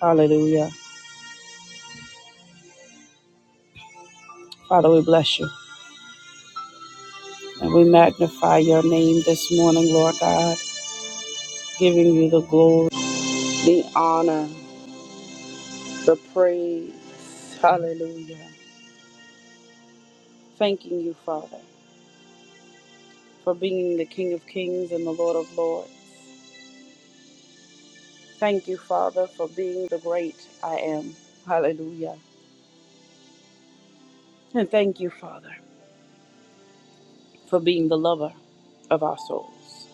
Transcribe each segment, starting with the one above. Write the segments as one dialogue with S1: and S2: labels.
S1: Hallelujah. Father, we bless you and we magnify your name this morning, Lord God, giving you the glory, the honor, the praise. Hallelujah. Thanking you, Father, for being the King of Kings and the Lord of Lords. Thank you, Father, for being the great I am. Hallelujah. And thank you, Father, for being the lover of our souls.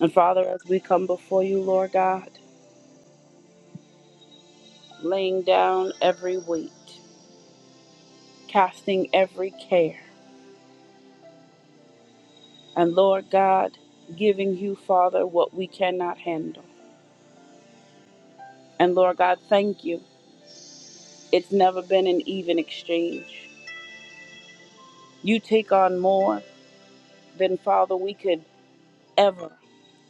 S1: And Father, as we come before you, Lord God, laying down every weight. casting every care. And Lord God, giving you, Father, what we cannot handle. And Lord God, thank you. It's never been an even exchange. You take on more than, Father, we could ever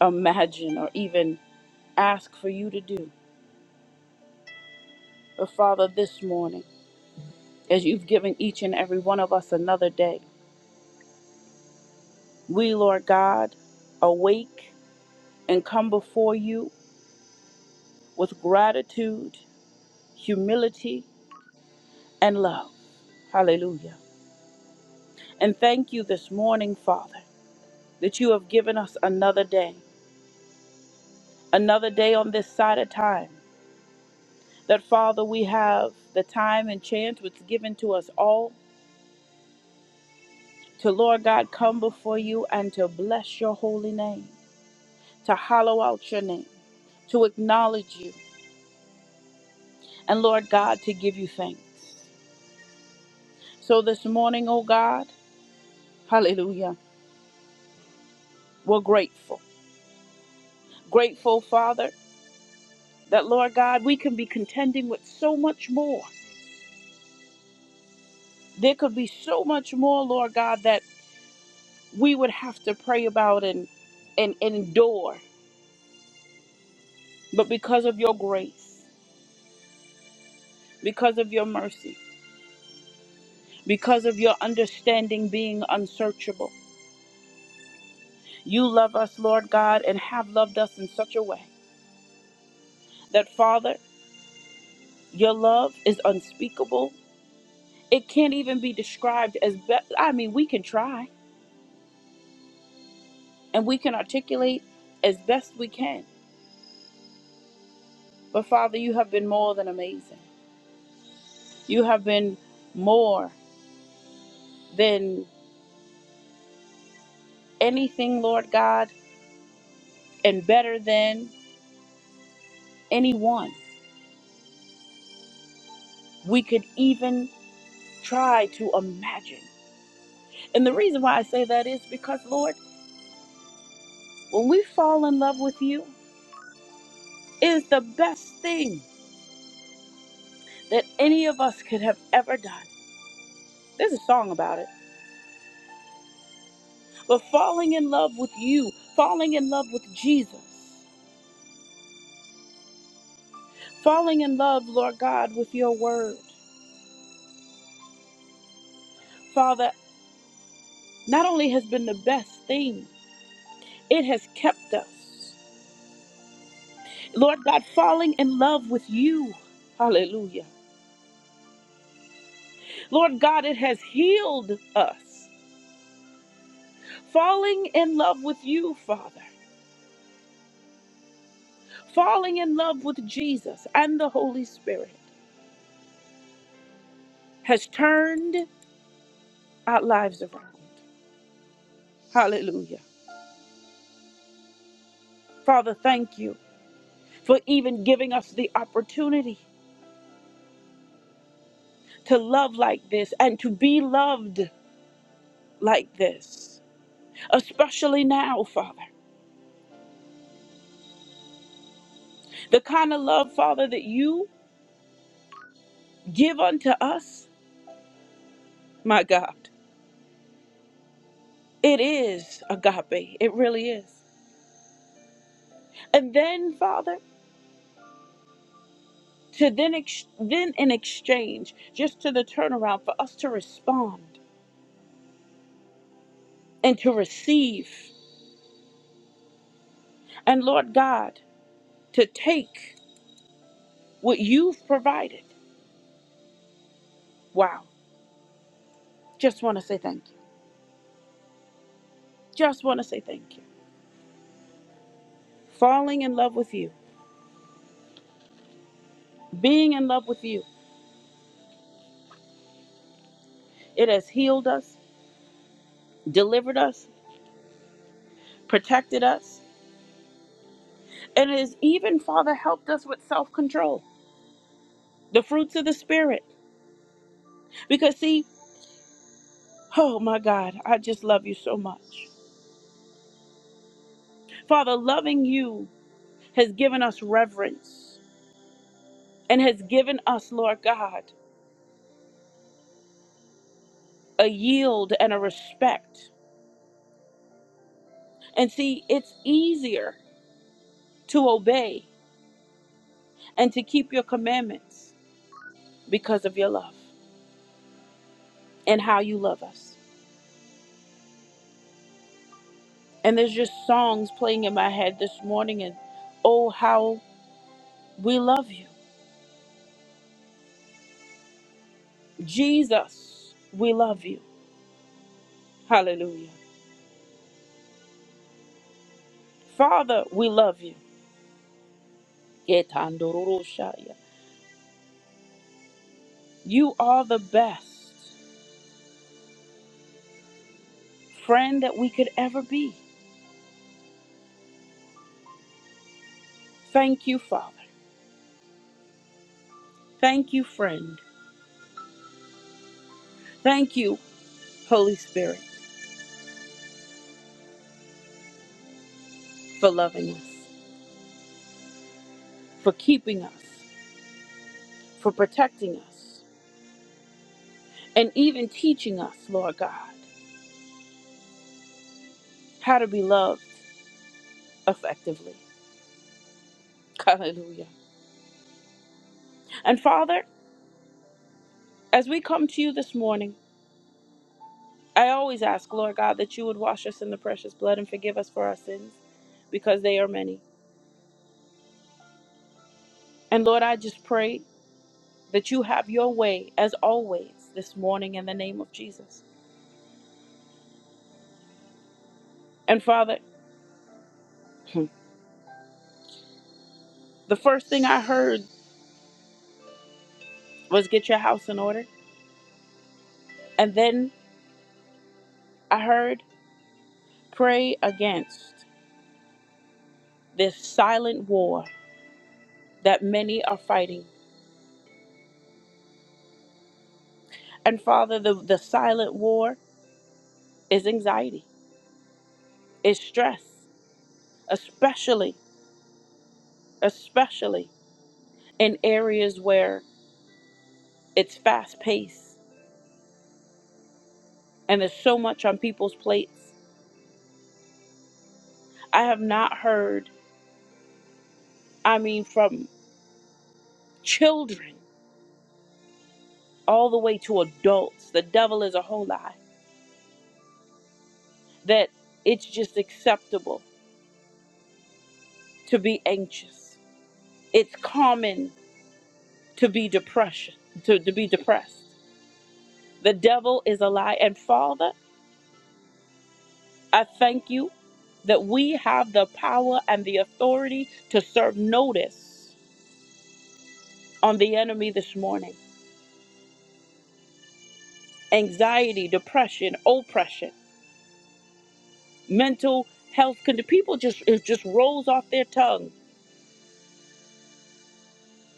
S1: imagine or even ask for you to do. But Father, this morning, as you've given each and every one of us another day, we, Lord God, awake and come before you with gratitude, humility, and love. Hallelujah. And thank you this morning, Father, that you have given us another day, another day on this side of time. That, Father, we have the time and chance which is given to us all to, Lord God, come before you and to bless your holy name, to hollow out your name, to acknowledge you, and, Lord God, to give you thanks. So this morning, oh God, hallelujah, we're grateful. Grateful, Father, that, Lord God, we can be contending with so much more there could be so much more lord god that we would have to pray about and and endure but because of your grace because of your mercy because of your understanding being unsearchable you love us lord god and have loved us in such a way that father your love is unspeakable it can't even be described as best i mean we can try and we can articulate as best we can but father you have been more than amazing you have been more than anything, Lord God, and better than anyone we could even try to imagine. And the reason why I say that is because, Lord, when we fall in love with you, it is the best thing that any of us could have ever done. There's a song about it. But falling in love with you, falling in love with Jesus, falling in love, Lord God, with your word, Father, not only has been the best thing, it has kept us. Lord God, falling in love with you. Hallelujah. Lord God, it has healed us. Falling in love with you, Father, falling in love with Jesus and the Holy Spirit has turned our lives around. Hallelujah. Father, thank you for even giving us the opportunity to love like this and to be loved like this, especially now, Father. The kind of love, Father, that you give unto us my God. It is agape. It really is. And then, Father, to then ex- then in exchange, just to the turnaround for us to respond and to receive, and Lord God, to take what you've provided. Wow. Just want to say thank you. Just want to say thank you. Falling in love with you, being in love with you, it has healed us, delivered us, protected us, and it has even, Father, helped us with self control, the fruits of the Spirit Because, see, oh my God, I just love you so much. Father, loving you has given us reverence and has given us, Lord God, a yield and a respect. And see, it's easier to obey and to keep your commandments because of your love and how you love us. And there's just songs playing in my head this morning, and oh, how we love you. Jesus, we love you. Hallelujah. Father, we love you. Yetandoroshaya. You are the best friend that we could ever be. Thank you, Father. Thank you, friend. Thank you, Holy Spirit, for loving us, for keeping us, for protecting us, and even teaching us, Lord God, how to be loved effectively. Hallelujah. And Father, as we come to you this morning, I always ask, Lord God, that you would wash us in the precious blood and forgive us for our sins, because they are many. And Lord, I just pray that you have your way as always this morning in the name of Jesus. And Father, the first thing I heard was get your house in order. And then I heard pray against this silent war that many are fighting. And Father, the, the silent war is anxiety, is stress, especially, especially in areas where it's fast paced and there's so much on people's plates. I have not heard. I mean, from children all the way to adults. The devil is a whole lie that it's just acceptable to be anxious. It's common to be depression, to, to be depressed. The devil is a lie. And Father, I thank you that we have the power and the authority to serve notice on the enemy this morning. Anxiety, depression, oppression, mental health, condi- people just it just rolls off their tongue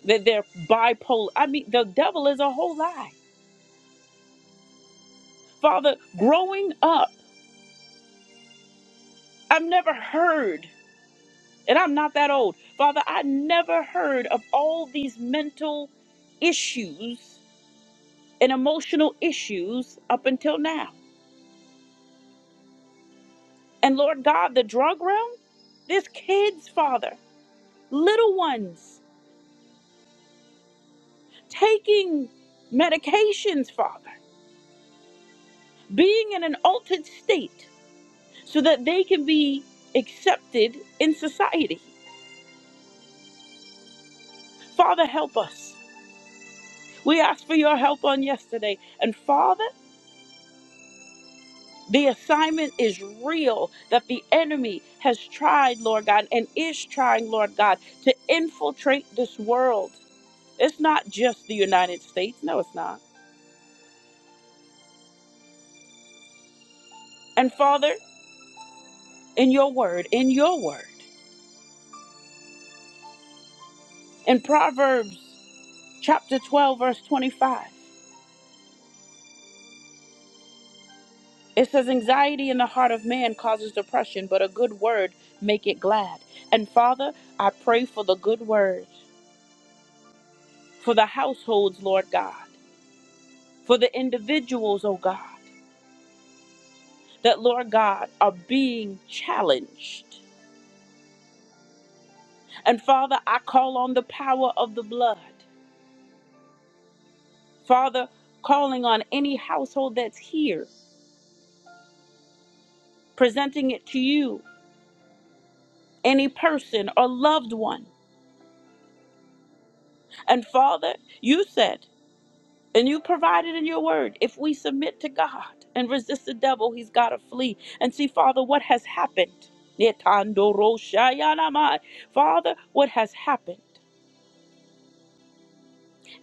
S1: that they're bipolar. I mean, the devil is a whole lie. Father, growing up, I've never heard, and I'm not that old, Father, I never heard of all these mental issues and emotional issues up until now. And Lord God, the drug realm, there's kids, Father, little ones, taking medications, Father, being in an altered state so that they can be accepted in society. Father, help us. We asked for your help on yesterday. And Father, the assignment is real that the enemy has tried, Lord God, and is trying, Lord God, to infiltrate this world. It's not just the United States. No, it's not. And Father, in your word, in your word, in Proverbs chapter 12, verse 25, it says, Anxiety in the heart of man causes depression, but a good word make it glad. And Father, I pray for the good word. for the households, Lord God, for the individuals, oh God, that, Lord God, are being challenged. And Father, I call on the power of the blood. Father, calling on any household that's here, presenting it to you, any person or loved one. And Father, you said, And you provided in your word. If we submit to God and resist the devil, he's got to flee. And see, Father, what has happened? Netandoroshayanamai. Father, what has happened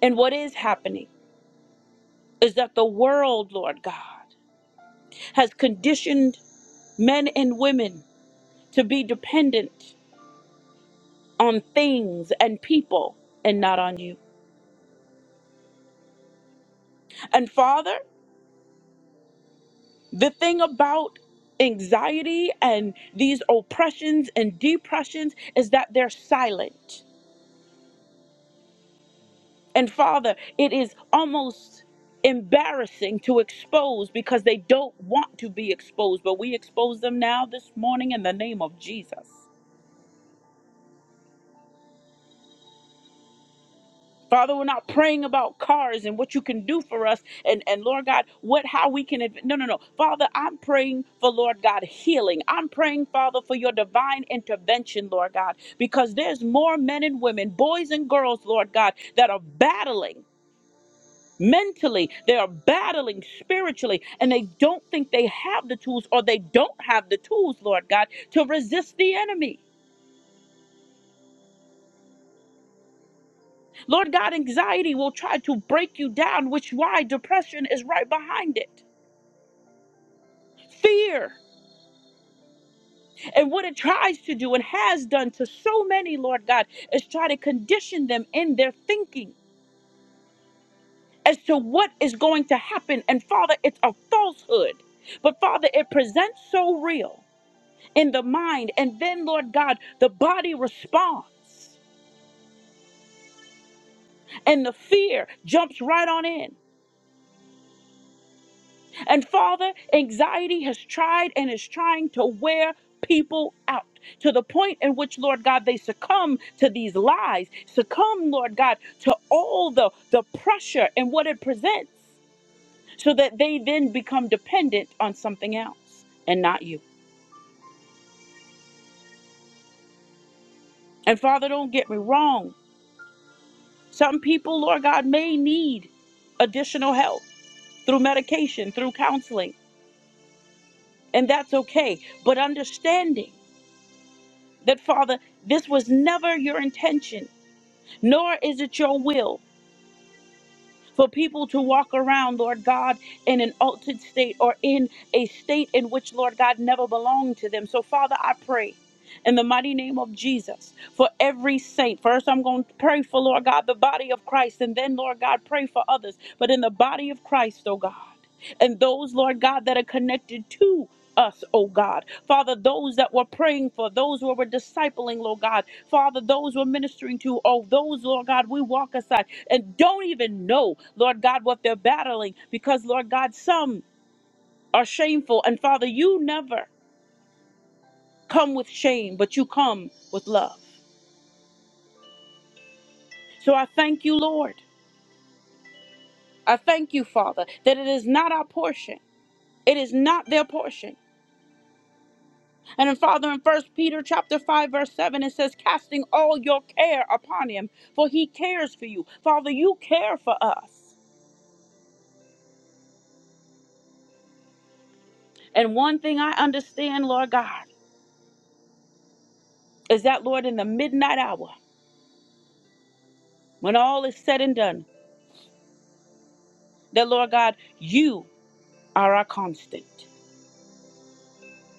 S1: and what is happening is that the world, Lord God, has conditioned men and women to be dependent on things and people and not on you. And Father, The thing about anxiety and these oppressions and depressions is that they're silent. And Father, it is almost embarrassing to expose because they don't want to be exposed, but we expose them now this morning in the name of Jesus. Father, we're not praying about cars and what you can do for us and, and Lord God, what how we can adv- no no no. Father, I'm praying for Lord God healing. I'm praying, Father, for your divine intervention, Lord God, because there's more men and women, boys and girls, Lord God, that are battling mentally they are battling spiritually and they don't think they have the tools or they don't have the tools lord god to resist the enemy lord god anxiety will try to break you down which why depression is right behind it fear. And what it tries to do and has done to so many, Lord God, is try to condition them in their thinking as to what is going to happen. And Father, it's a falsehood. But Father, it presents so real in the mind. And then, Lord God, the body responds and the fear jumps right on in. And Father, anxiety has tried and is trying to wear people out to the point in which, Lord God, they succumb to these lies, succumb, Lord God, to all the, the pressure and what it presents, so that they then become dependent on something else and not you. And Father, don't get me wrong. Some people, Lord God, may need additional help through medication, through counseling, and that's okay. But understanding, that Father, this was never your intention, nor is it your will for people to walk around, Lord God, in an altered state or in a state in which, Lord God, never belonged to them. So, Father, I pray. In the mighty name of Jesus, for every saint. First, I'm going to pray for, Lord God, the body of Christ, and then, Lord God, pray for others. But in the body of Christ, oh God, and those, Lord God, that are connected to us, oh God. Father, those that were praying for, those who were discipling, Lord God. Father, those who we're ministering to, oh, those, Lord God, we walk aside and don't even know, Lord God, what they're battling because, Lord God, some are shameful. And Father, you never come with shame, but you come with love. So I thank you, Lord. I thank you, Father, that it is not our portion. It is not their portion. And in Father, in First Peter chapter 5, verse 7, it says, casting all your care upon him, for he cares for you. Father, you care for us. And one thing I understand, Lord God, is that, Lord, in the midnight hour, when all is said and done, That, Lord God, you are our constant.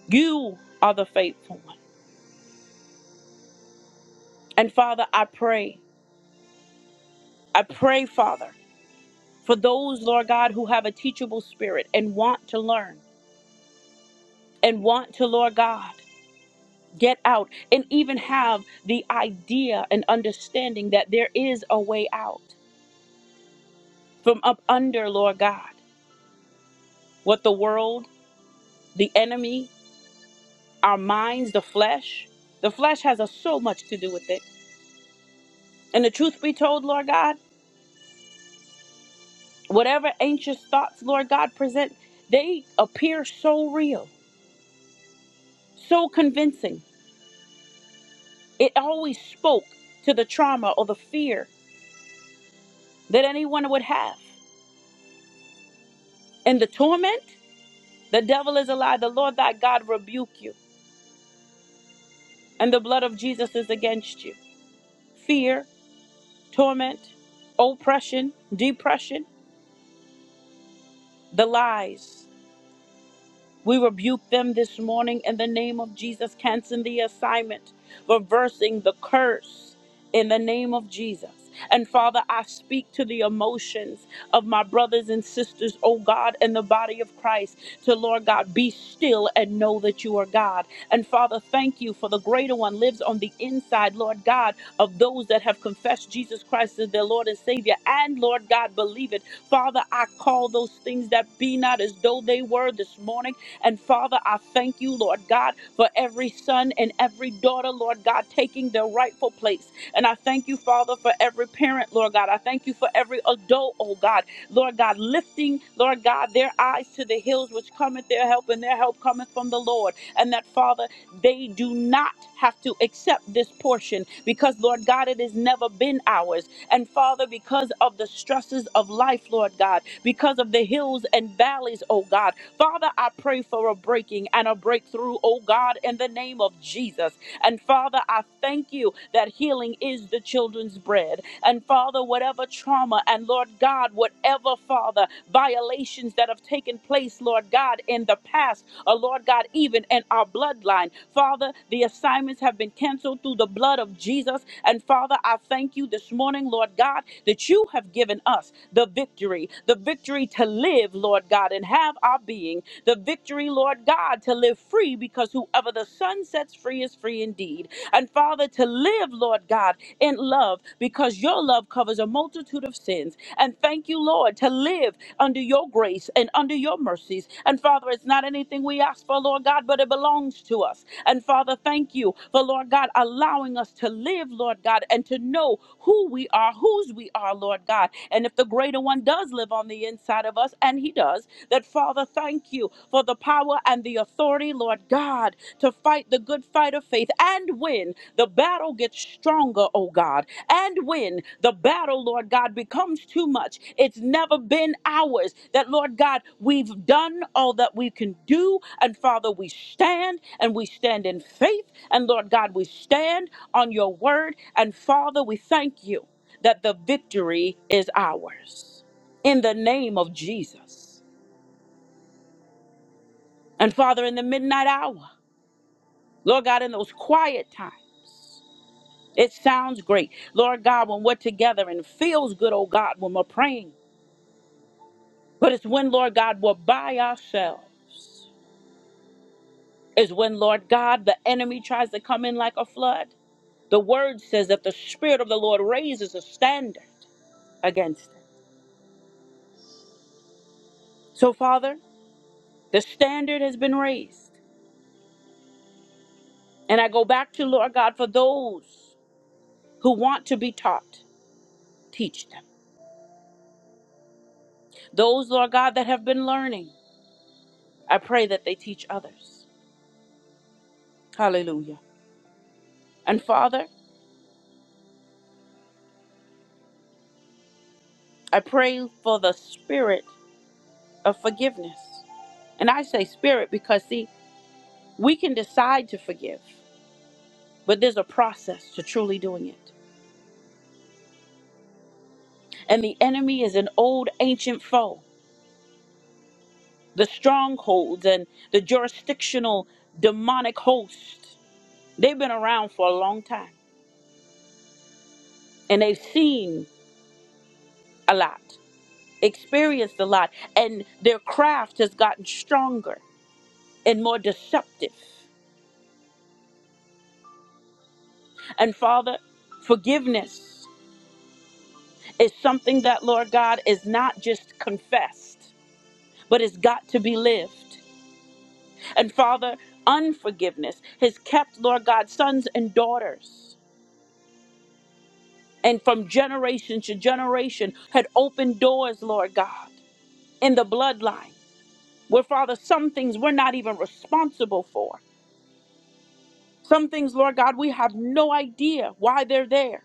S1: You are the faithful one. And Father, I pray, I pray, Father, for those, Lord God, who have a teachable spirit and want to learn and want to, Lord God, get out and even have the idea and understanding that there is a way out from up under, Lord God, what the world, the enemy, our minds, the flesh, the flesh has a, so much to do with it. And the truth be told, Lord God, Whatever anxious thoughts, Lord God, present, they appear so real, so convincing. It always spoke to the trauma or the fear that anyone would have. And the torment, the devil is a lie. The Lord thy God rebuke you, and the blood of Jesus is against you. Fear, torment, oppression, depression, the lies. We rebuke them this morning in the name of Jesus, canceling the assignment, reversing the curse in the name of Jesus. And Father, I speak to the emotions of my brothers and sisters, oh God, in the body of Christ, to Lord God, be still and know that you are God. And Father, thank you for the greater one lives on the inside, Lord God, of those that have confessed Jesus Christ as their Lord and Savior, and Lord God, believe it. Father, I call those things that be not as though they were this morning and Father, I thank you, Lord God, for every son and every daughter, Lord God, taking their rightful place. And I thank you, Father, for every parent, Lord God. I thank you for every adult, oh God, Lord God, lifting, Lord God, their eyes to the hills which cometh their help, and their help cometh from the Lord. And that, Father, they do not have to accept this portion because, Lord God, it has never been ours. And Father, because of the stresses of life, Lord God, because of the hills and valleys, oh God. Father, I pray for a breaking and a breakthrough, oh God, in the name of Jesus. And Father, I thank you that healing is the children's bread. And Father, whatever trauma and Lord God, whatever, Father, violations that have taken place, Lord God, in the past uh, Lord God, even in our bloodline. Father, the assignments have been canceled through the blood of Jesus. And Father, I thank you this morning, Lord God, that you have given us the victory, the victory to live, Lord God, and have our being, the victory, Lord God, to live free because whoever the Son sets free is free indeed. And Father, to live, Lord God, in love because your because your love covers a multitude of sins. And thank you, Lord, to live under your grace and under your mercies. And Father, it's not anything we ask for, Lord God, but it belongs to us. And Father, thank you for, Lord God, allowing us to live, Lord God, and to know who we are, whose we are, Lord God. And if the greater one does live on the inside of us, and he does, that Father, thank you for the power and the authority, Lord God, to fight the good fight of faith. And when the battle gets stronger, oh God, and when the battle, Lord God, becomes too much, it's never been ours. That, Lord God, we've done all that we can do. And Father, we stand and we stand in faith. And Lord God, we stand on your word. And Father, we thank you that the victory is ours in the name of Jesus. And Father, in the midnight hour, Lord God, in those quiet times. It sounds great. Lord God, when we're together and it feels good, oh God, when we're praying. But it's when, Lord God, we're by ourselves. Is when, Lord God, the enemy tries to come in like a flood. The word says that the Spirit of the Lord raises a standard against it. So, Father, the standard has been raised. And I go back to, Lord God, for those who want to be taught, teach them. Those, Lord God, that have been learning. I pray that they teach others. Hallelujah. And Father, I pray for the spirit of forgiveness. And I say spirit because, see, we can decide to forgive, but there's a process to truly doing it. And the enemy is an old ancient foe, the strongholds and the jurisdictional demonic hosts They've been around for a long time and they've seen a lot, experienced a lot, and their craft has gotten stronger. and more deceptive. And Father, forgiveness is something that, Lord God, is not just confessed, but it's got to be lived. And Father, unforgiveness has kept, Lord God, sons and daughters, and from generation to generation had opened doors, Lord God, in the bloodline, where, Father, some things we're not even responsible for. Some things, Lord God, we have no idea why they're there.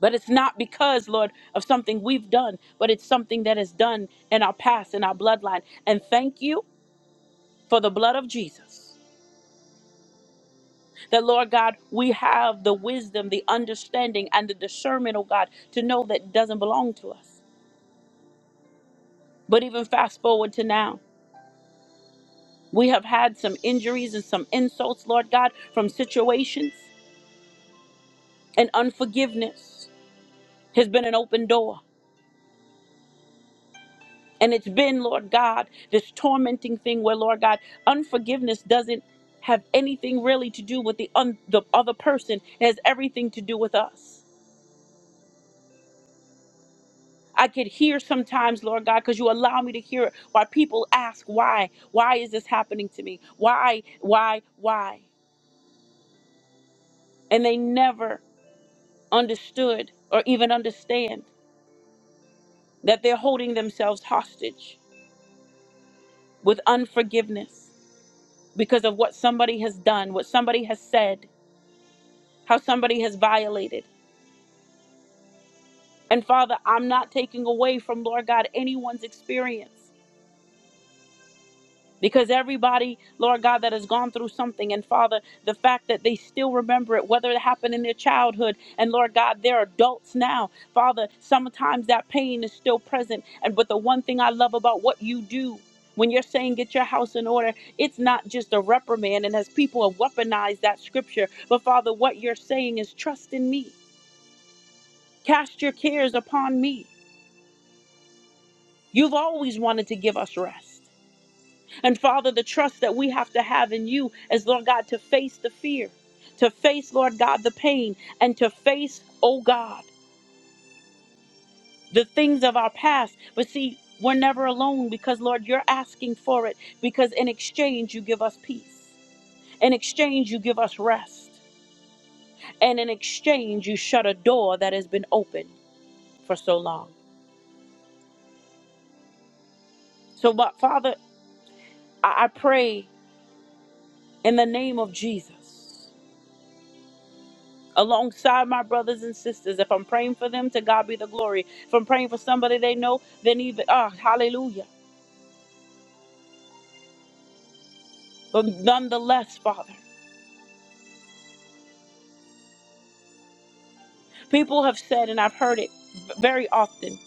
S1: But it's not because, Lord, of something we've done, but it's something that is done in our past, in our bloodline. And thank you for the blood of Jesus. That, Lord God, we have the wisdom, the understanding, and the discernment, oh God, to know that it doesn't belong to us. But even fast forward to now, we have had some injuries and some insults, Lord God, from situations, and unforgiveness has been an open door. And it's been, Lord God, this tormenting thing where, Lord God, unforgiveness doesn't have anything really to do with the, un- the other person. It has everything to do with us. I could hear sometimes, Lord God, because you allow me to hear it, why people ask, why? Why is this happening to me? Why, why, why? And they never understood or even understand that they're holding themselves hostage with unforgiveness because of what somebody has done, what somebody has said how somebody has violated. And Father, I'm not taking away from, Lord God, anyone's experience because everybody, Lord God, that has gone through something, and Father, the fact that they still remember it, whether it happened in their childhood, and Lord God, they're adults now. Father, sometimes that pain is still present. And but the one thing I love about what you do. When you're saying get your house in order, it's not just a reprimand. And as people have weaponized that scripture, but Father, what you're saying is trust in me. Cast your cares upon me You've always wanted to give us rest. And Father, the trust that we have to have in you is, Lord God, to face the fear, to face, Lord God, the pain, and to face, oh God, the things of our past. But see, we're never alone because, Lord, you're asking for it because in exchange, you give us peace. In exchange, you give us rest. And in exchange, you shut a door that has been open for so long. So, but Father, I I pray in the name of Jesus alongside my brothers and sisters. If I'm praying for them, to God be the glory. If I'm praying for somebody they know, then even, ah, hallelujah. But nonetheless, Father, people have said, and I've heard it very often,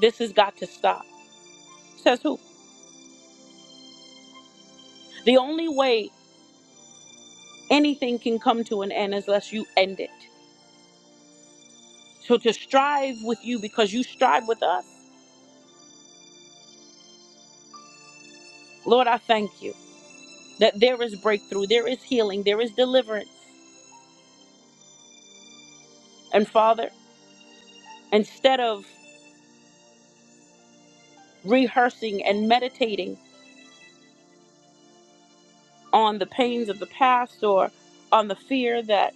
S1: this has got to stop. Says who? The only way anything can come to an end is unless you end it. So to strive with you because you strive with us, Lord, I thank you that there is breakthrough, there is healing, there is deliverance. And Father, instead of rehearsing and meditating, on the pains of the past or on the fear that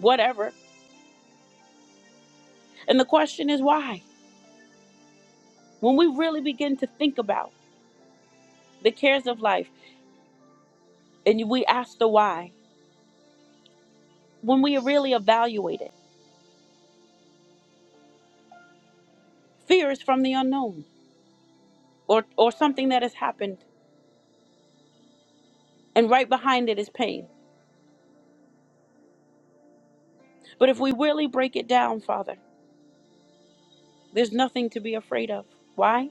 S1: whatever. And the question is why? When we really begin to think about the cares of life and we ask the why, when we really evaluate it, fear is from the unknown or, or something that has happened, and right behind it is pain. But if we really break it down, Father, there's nothing to be afraid of. Why?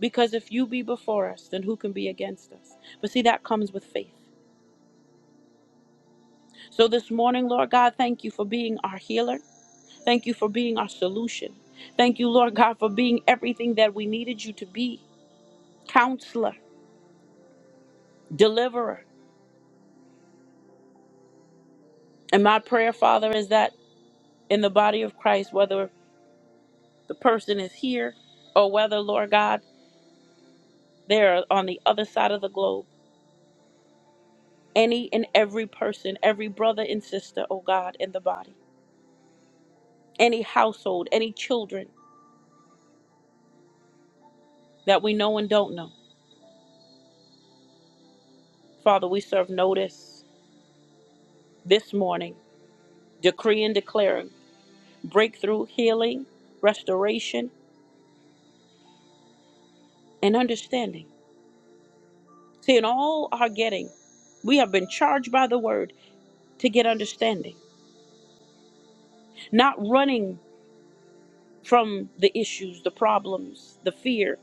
S1: Because if you be before us, then who can be against us? But see, that comes with faith. So this morning, Lord God, thank you for being our healer. Thank you for being our solution. Thank you, Lord God, for being everything that we needed you to be counselor, deliverer. And my prayer, Father, is that in the body of Christ, whether the person is here or whether, Lord God, they're on the other side of the globe, any and every person, every brother and sister, oh God, in the body, any household, any children that we know and don't know, Father, we serve notice this morning, decree and declaring breakthrough, healing, restoration and understanding. See, in all our getting, we have been charged by the word to get understanding, not running from the issues, the problems, the fear,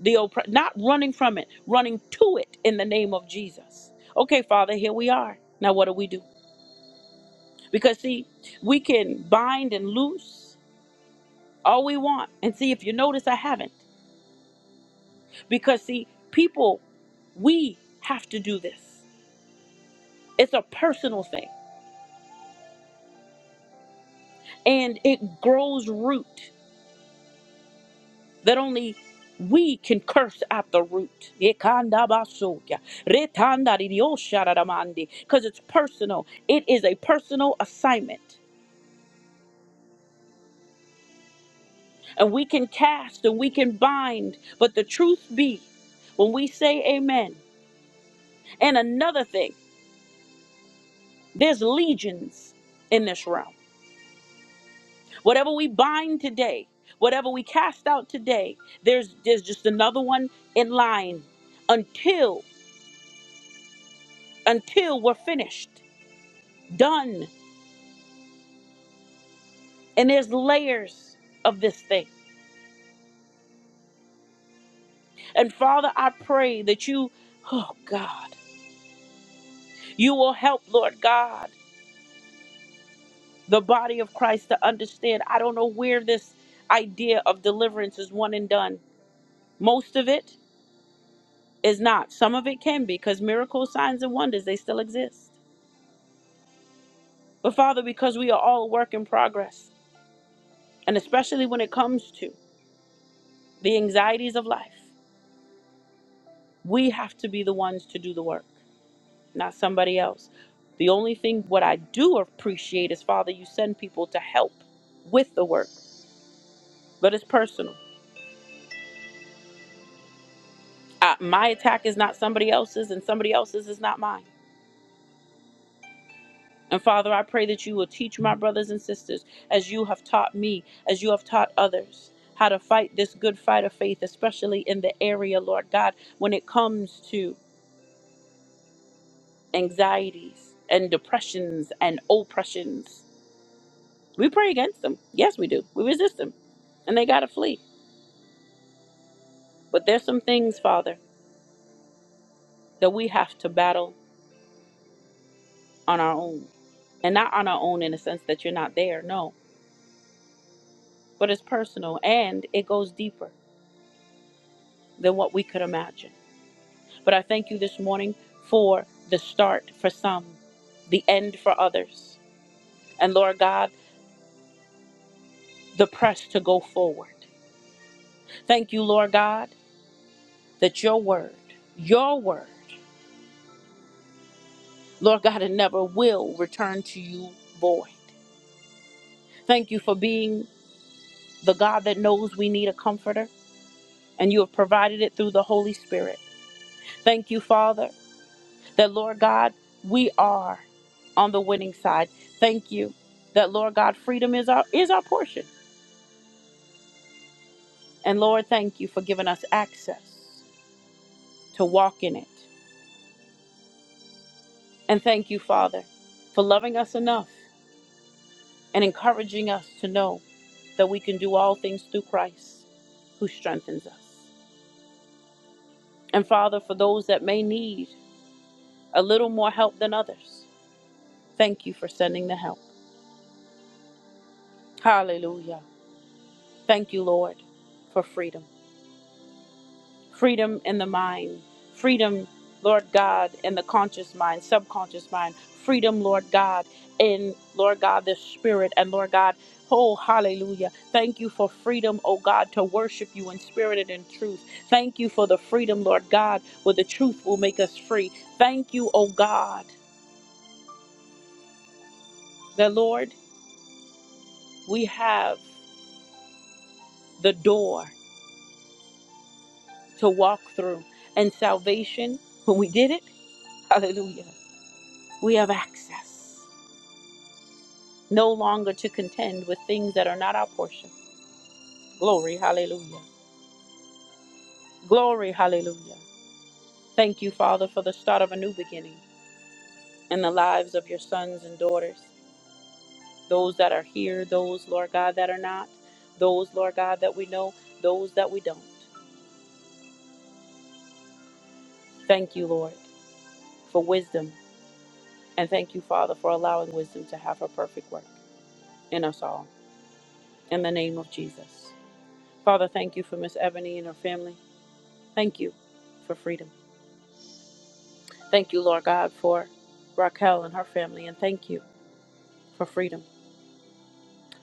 S1: the oppre- not running from it, running to it in the name of Jesus. Okay, Father, here we are. Now, what do we do? Because, see, we can bind and loose all we want. And see, if you notice, I haven't. Because, see, people, we have to do this. It's a personal thing and it grows root. that only we can curse at the root. Because it's personal. It is a personal assignment. And we can cast and we can bind. But the truth be, when we say amen, and another thing, there's legions in this realm. Whatever we bind today, whatever we cast out today, there's there's just another one in line until until we're finished, done And there's layers of this thing. And Father, I pray that you, oh God, you will help, Lord God, the body of Christ to understand. I don't know where this idea of deliverance is one and done. Most of it is not. Some of it can be because miracles, signs, and wonders, they still exist. But Father, because we are all a work in progress, and especially when it comes to the anxieties of life, we have to be the ones to do the work. not somebody else. The only thing what I do appreciate is, Father, you send people to help with the work, but it's personal. Uh, my attack is not somebody else's, and somebody else's is not mine. And Father, I pray that you will teach my brothers and sisters, as you have taught me, as you have taught others, how to fight this good fight of faith, especially in the area, Lord God, when it comes to anxieties and depressions and oppressions. We pray against them. Yes, we do. We resist them, and they got to flee. But there's some things, Father, that we have to battle on our own. And not on our own in the sense that you're not there, no. But it's personal and it goes deeper than what we could imagine. But I thank you this morning for the start for some, the end for others. And Lord God, the press to go forward. Thank you, Lord God, that your word, your word, Lord God, it never will return to you void. Thank you for being the God that knows we need a comforter. and you have provided it through the Holy Spirit. Thank you, Father, that Lord God, we are on the winning side. Thank you that Lord God, freedom is our is our portion. And Lord, thank you for giving us access to walk in it. And thank you, Father, for loving us enough and encouraging us to know that we can do all things through Christ who strengthens us. And Father, for those that may need a little more help than others, thank you for sending the help. Hallelujah. Thank you, Lord, for freedom. Freedom in the mind. Freedom, Lord God, in the conscious mind, subconscious mind. Freedom, Lord God, in, Lord God, the spirit. And Lord God, oh, hallelujah. Thank you for freedom, oh God, to worship you in spirit and in truth. Thank you for the freedom, Lord God, where the truth will make us free. Thank you, oh God, that, Lord, we have the door to walk through. And salvation, when we get it, hallelujah. We have access no longer to contend with things that are not our portion. Glory, hallelujah. Glory, hallelujah. Thank you, Father, for the start of a new beginning in the lives of your sons and daughters, those that are here, those, Lord God, that are not, those, Lord God, that we know, those that we don't. Thank you, Lord, for wisdom. And thank you, Father, for allowing wisdom to have her perfect work in us all. In the name of Jesus. Father, thank you for Miss Ebony and her family. Thank you for freedom. Thank you, Lord God, for Raquel and her family, and thank you for freedom.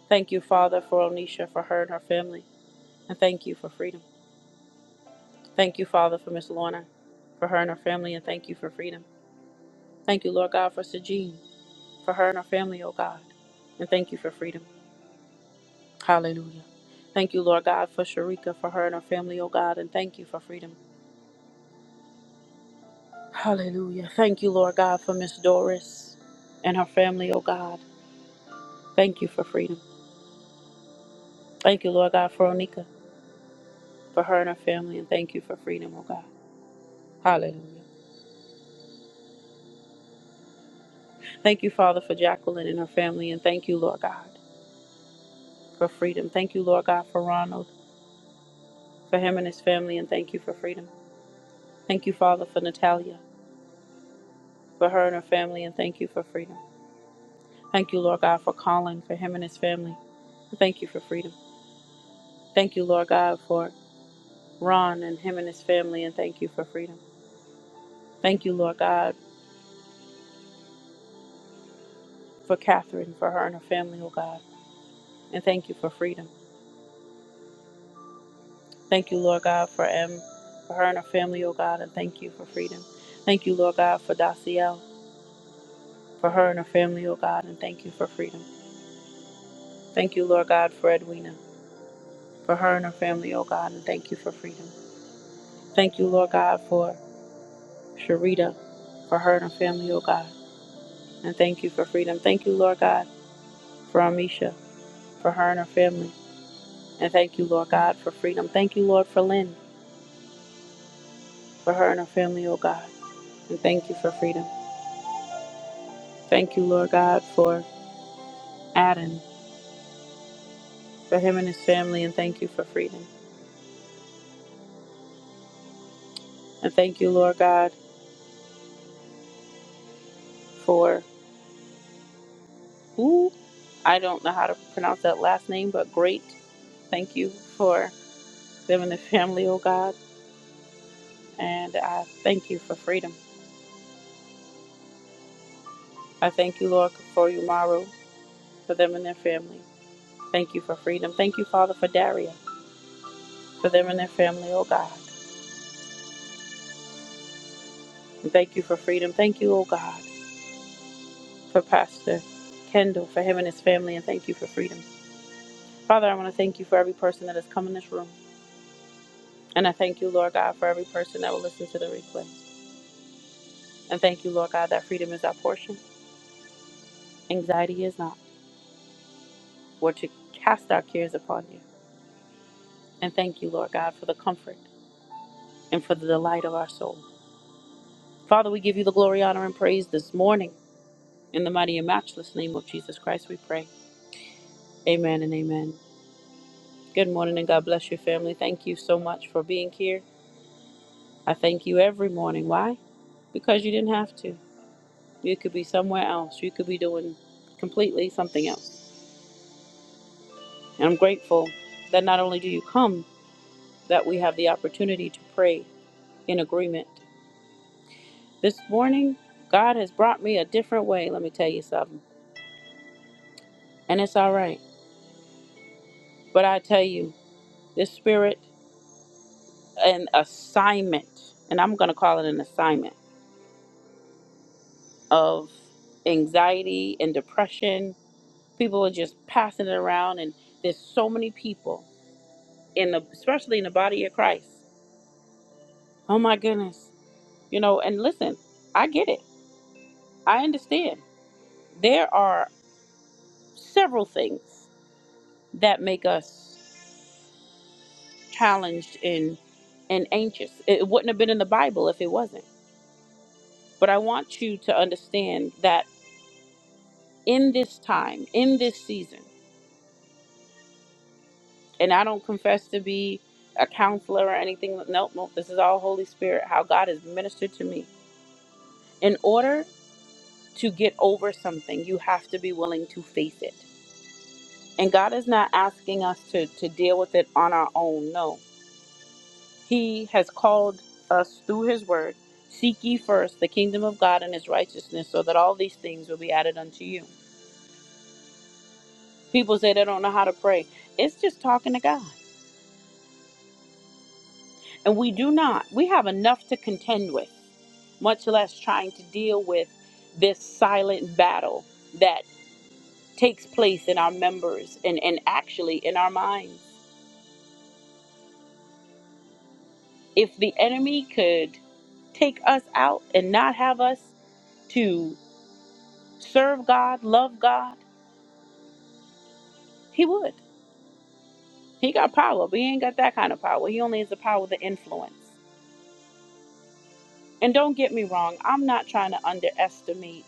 S1: Thank you, Father, for Onisha, for her and her family, and thank you for freedom. Thank you, Father, for Miss Lorna, for her and her family, and thank you for freedom. Thank you, Lord God, for Sejean, for her and her family, oh God, and thank you for freedom. Hallelujah. Thank you, Lord God, for Sharika, for her and her family, oh God, and thank you for freedom. Hallelujah. Thank you, Lord God, for Miss Doris and her family, oh God. Thank you for freedom. Thank you, Lord God, for Onika. for her and her family, and thank you for freedom, oh God. Hallelujah. Thank you, Father, for Jacqueline and her family, and thank you, Lord God, for freedom. Thank you, Lord God, for Ronald, for him and his family, and thank you for freedom. Thank you, Father, for Natalia, for her and her family, and thank you for freedom. Thank you, Lord God, for Colin, for him and his family. and Thank you for freedom. Thank you, Lord God, for Ron and him and his family, and thank you for freedom. Thank you, Lord God, for Catherine, for her and her family, oh God, and thank you for freedom. Thank you, Lord God, for, M, for her and her family, oh God, and thank you for freedom. Thank you, Lord God, for Daciel, for her and her family, oh God, and thank you for freedom. Thank you, Lord God, for Edwina, for her and her family, oh God, and thank you for freedom. Thank you, Lord God, for Sharita, for her and her family, oh God, and thank you for freedom. Thank you, Lord God, for Amisha, for her and her family, and thank you, Lord God, for freedom. Thank you, Lord, for Lynn, for her and her family, oh God, and thank you for freedom. Thank you, Lord God, for Adam. for him and his family, and thank you for freedom. And thank you, Lord God, for who I don't know how to pronounce that last name, but great. Thank you for them and their family, oh God. And I thank you for freedom. I thank you, Lord, for Umaru, for them and their family. Thank you for freedom. Thank you, Father, for Daria, for them and their family, oh God. And thank you for freedom. Thank you, oh God, for Pastor Kendall, for him and his family, and thank you for freedom. Father, I want to thank you for every person that has come in this room. And I thank you, Lord God, for every person that will listen to the replay. And thank you, Lord God, that freedom is our portion, anxiety is not. We're to cast our cares upon you. And thank you, Lord God, for the comfort and for the delight of our soul. Father, we give you the glory, honor, and praise this morning. In the mighty and matchless name of Jesus Christ, we pray. Amen and amen. Good morning and God bless your family. Thank you so much for being here. I thank you every morning. Why? Because you didn't have to. You could be somewhere else. You could be doing completely something else. And I'm grateful that not only do you come, that we have the opportunity to pray in agreement. This morning, God has brought me a different way, let me tell you something. And it's all right. But I tell you, this spirit, an assignment, and I'm going to call it an assignment of anxiety and depression. People are just passing it around, and there's so many people in the, especially in the body of Christ. Oh my goodness, you know. And listen, I get it. I understand. there are several things that make us challenged and and anxious. It wouldn't have been in the Bible if it wasn't. But I want you to understand that in this time, in this season, and I don't confess to be a counselor or anything. Nope, nope. This is all Holy Spirit, how God has ministered to me. In order to get over something, you have to be willing to face it. And God is not asking us to, to deal with it on our own. No. He has called us through his word. Seek ye first the kingdom of God and his righteousness, so that all these things will be added unto you. People say they don't know how to pray. It's just talking to God. And we do not. We have enough to contend with, much less trying to deal with this silent battle that takes place in our members and, and actually in our minds. If the enemy could take us out and not have us to serve God, love God, he would. He got power, but he ain't got that kind of power. He only has the power to influence. And don't get me wrong, I'm not trying to underestimate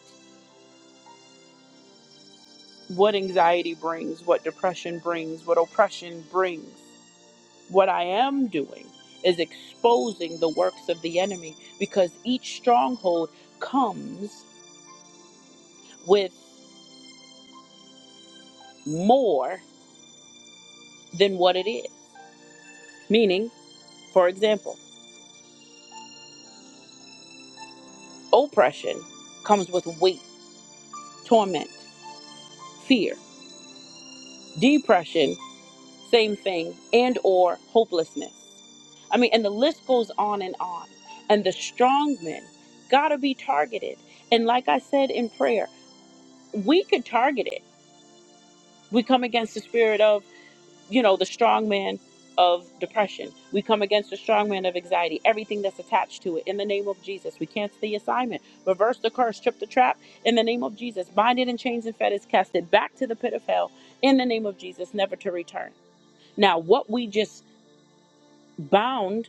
S1: what anxiety brings, what depression brings, what oppression brings. What I am doing is exposing the works of the enemy because each stronghold comes with more than what it is. Meaning, for example, oppression comes with weight, torment, fear. Depression same thing and or hopelessness i mean and the list goes on and on and the strong men gotta be targeted and like i said in prayer we could target it we come against the spirit of you know the strong man of depression we come against the strong man of anxiety everything that's attached to it in the name of jesus we cancel the assignment reverse the curse trip the trap in the name of jesus bind it in chains and fetters cast it back to the pit of hell in the name of jesus never to return now what we just bound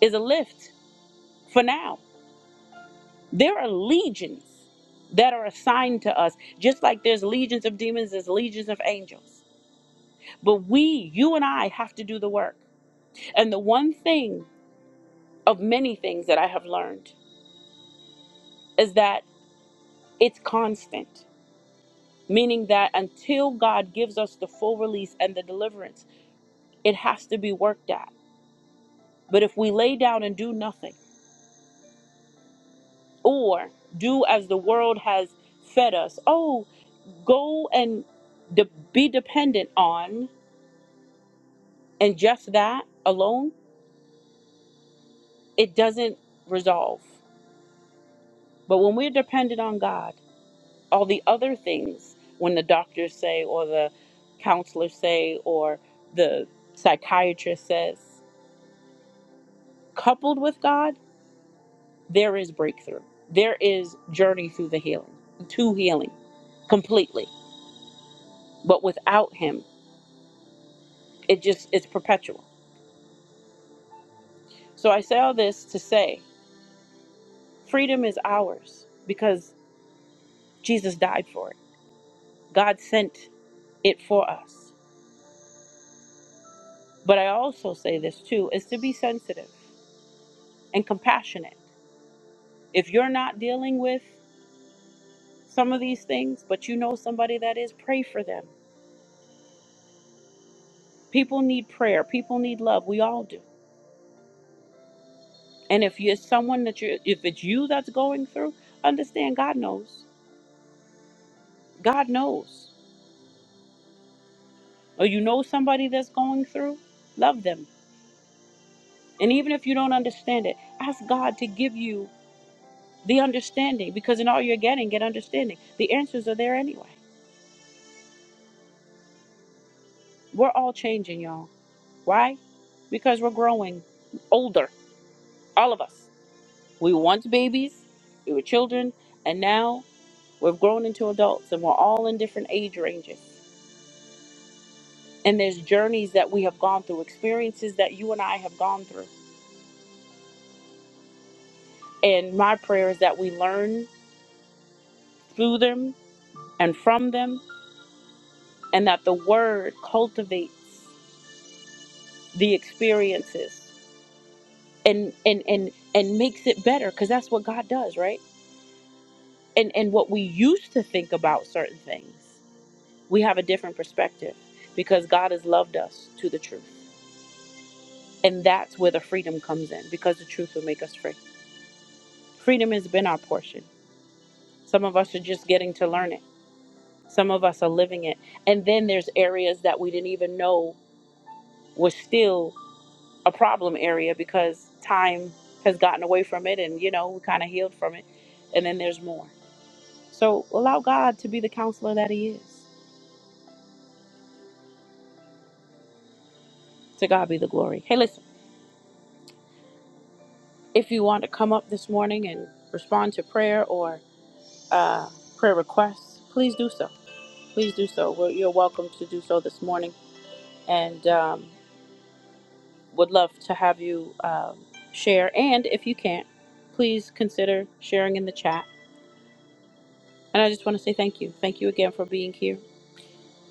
S1: is a lift for now. There are legions that are assigned to us, just like there's legions of demons, there's legions of angels. But we, you and I, have to do the work. And the one thing of many things that I have learned is that it's constant, meaning that until God gives us the full release and the deliverance, it has to be worked at. But if we lay down and do nothing, or do as the world has fed us, oh. go and de- be dependent on and just that alone, it doesn't resolve. But when we're dependent on God, all the other things, when the doctors say, or the counselors say, or the psychiatrist says, coupled with God, there is breakthrough. There is journey through the healing, to healing completely. But without Him, it just, it's perpetual. So I say all this to say freedom is ours because Jesus died for it. God sent it for us. But I also say this too is to be sensitive and compassionate. If you're not dealing with some of these things, but you know somebody that is, pray for them. People need prayer, people need love. We all do. And if you're someone that you if it's you that's going through, understand God knows. God knows. Or you know somebody that's going through, love them. And even if you don't understand it, ask God to give you the understanding because in all you're getting get understanding the answers are there anyway we're all changing y'all why because we're growing older all of us we were once babies we were children and now we've grown into adults and we're all in different age ranges and there's journeys that we have gone through experiences that you and i have gone through and my prayer is that we learn through them and from them and that the word cultivates the experiences and and and and makes it better because that's what god does right and and what we used to think about certain things we have a different perspective because god has loved us to the truth and that's where the freedom comes in because the truth will make us free freedom has been our portion some of us are just getting to learn it some of us are living it and then there's areas that we didn't even know was still a problem area because time has gotten away from it and you know we kind of healed from it and then there's more So allow God to be the counselor that He is. To God be the glory. Hey, listen, if you want to come up this morning and respond to prayer or uh, prayer requests, please do so. Please do so. We're, you're welcome to do so this morning and um, would love to have you um, share. And if you can't, please consider sharing in the chat. And I just want to say thank you. Thank you again for being here.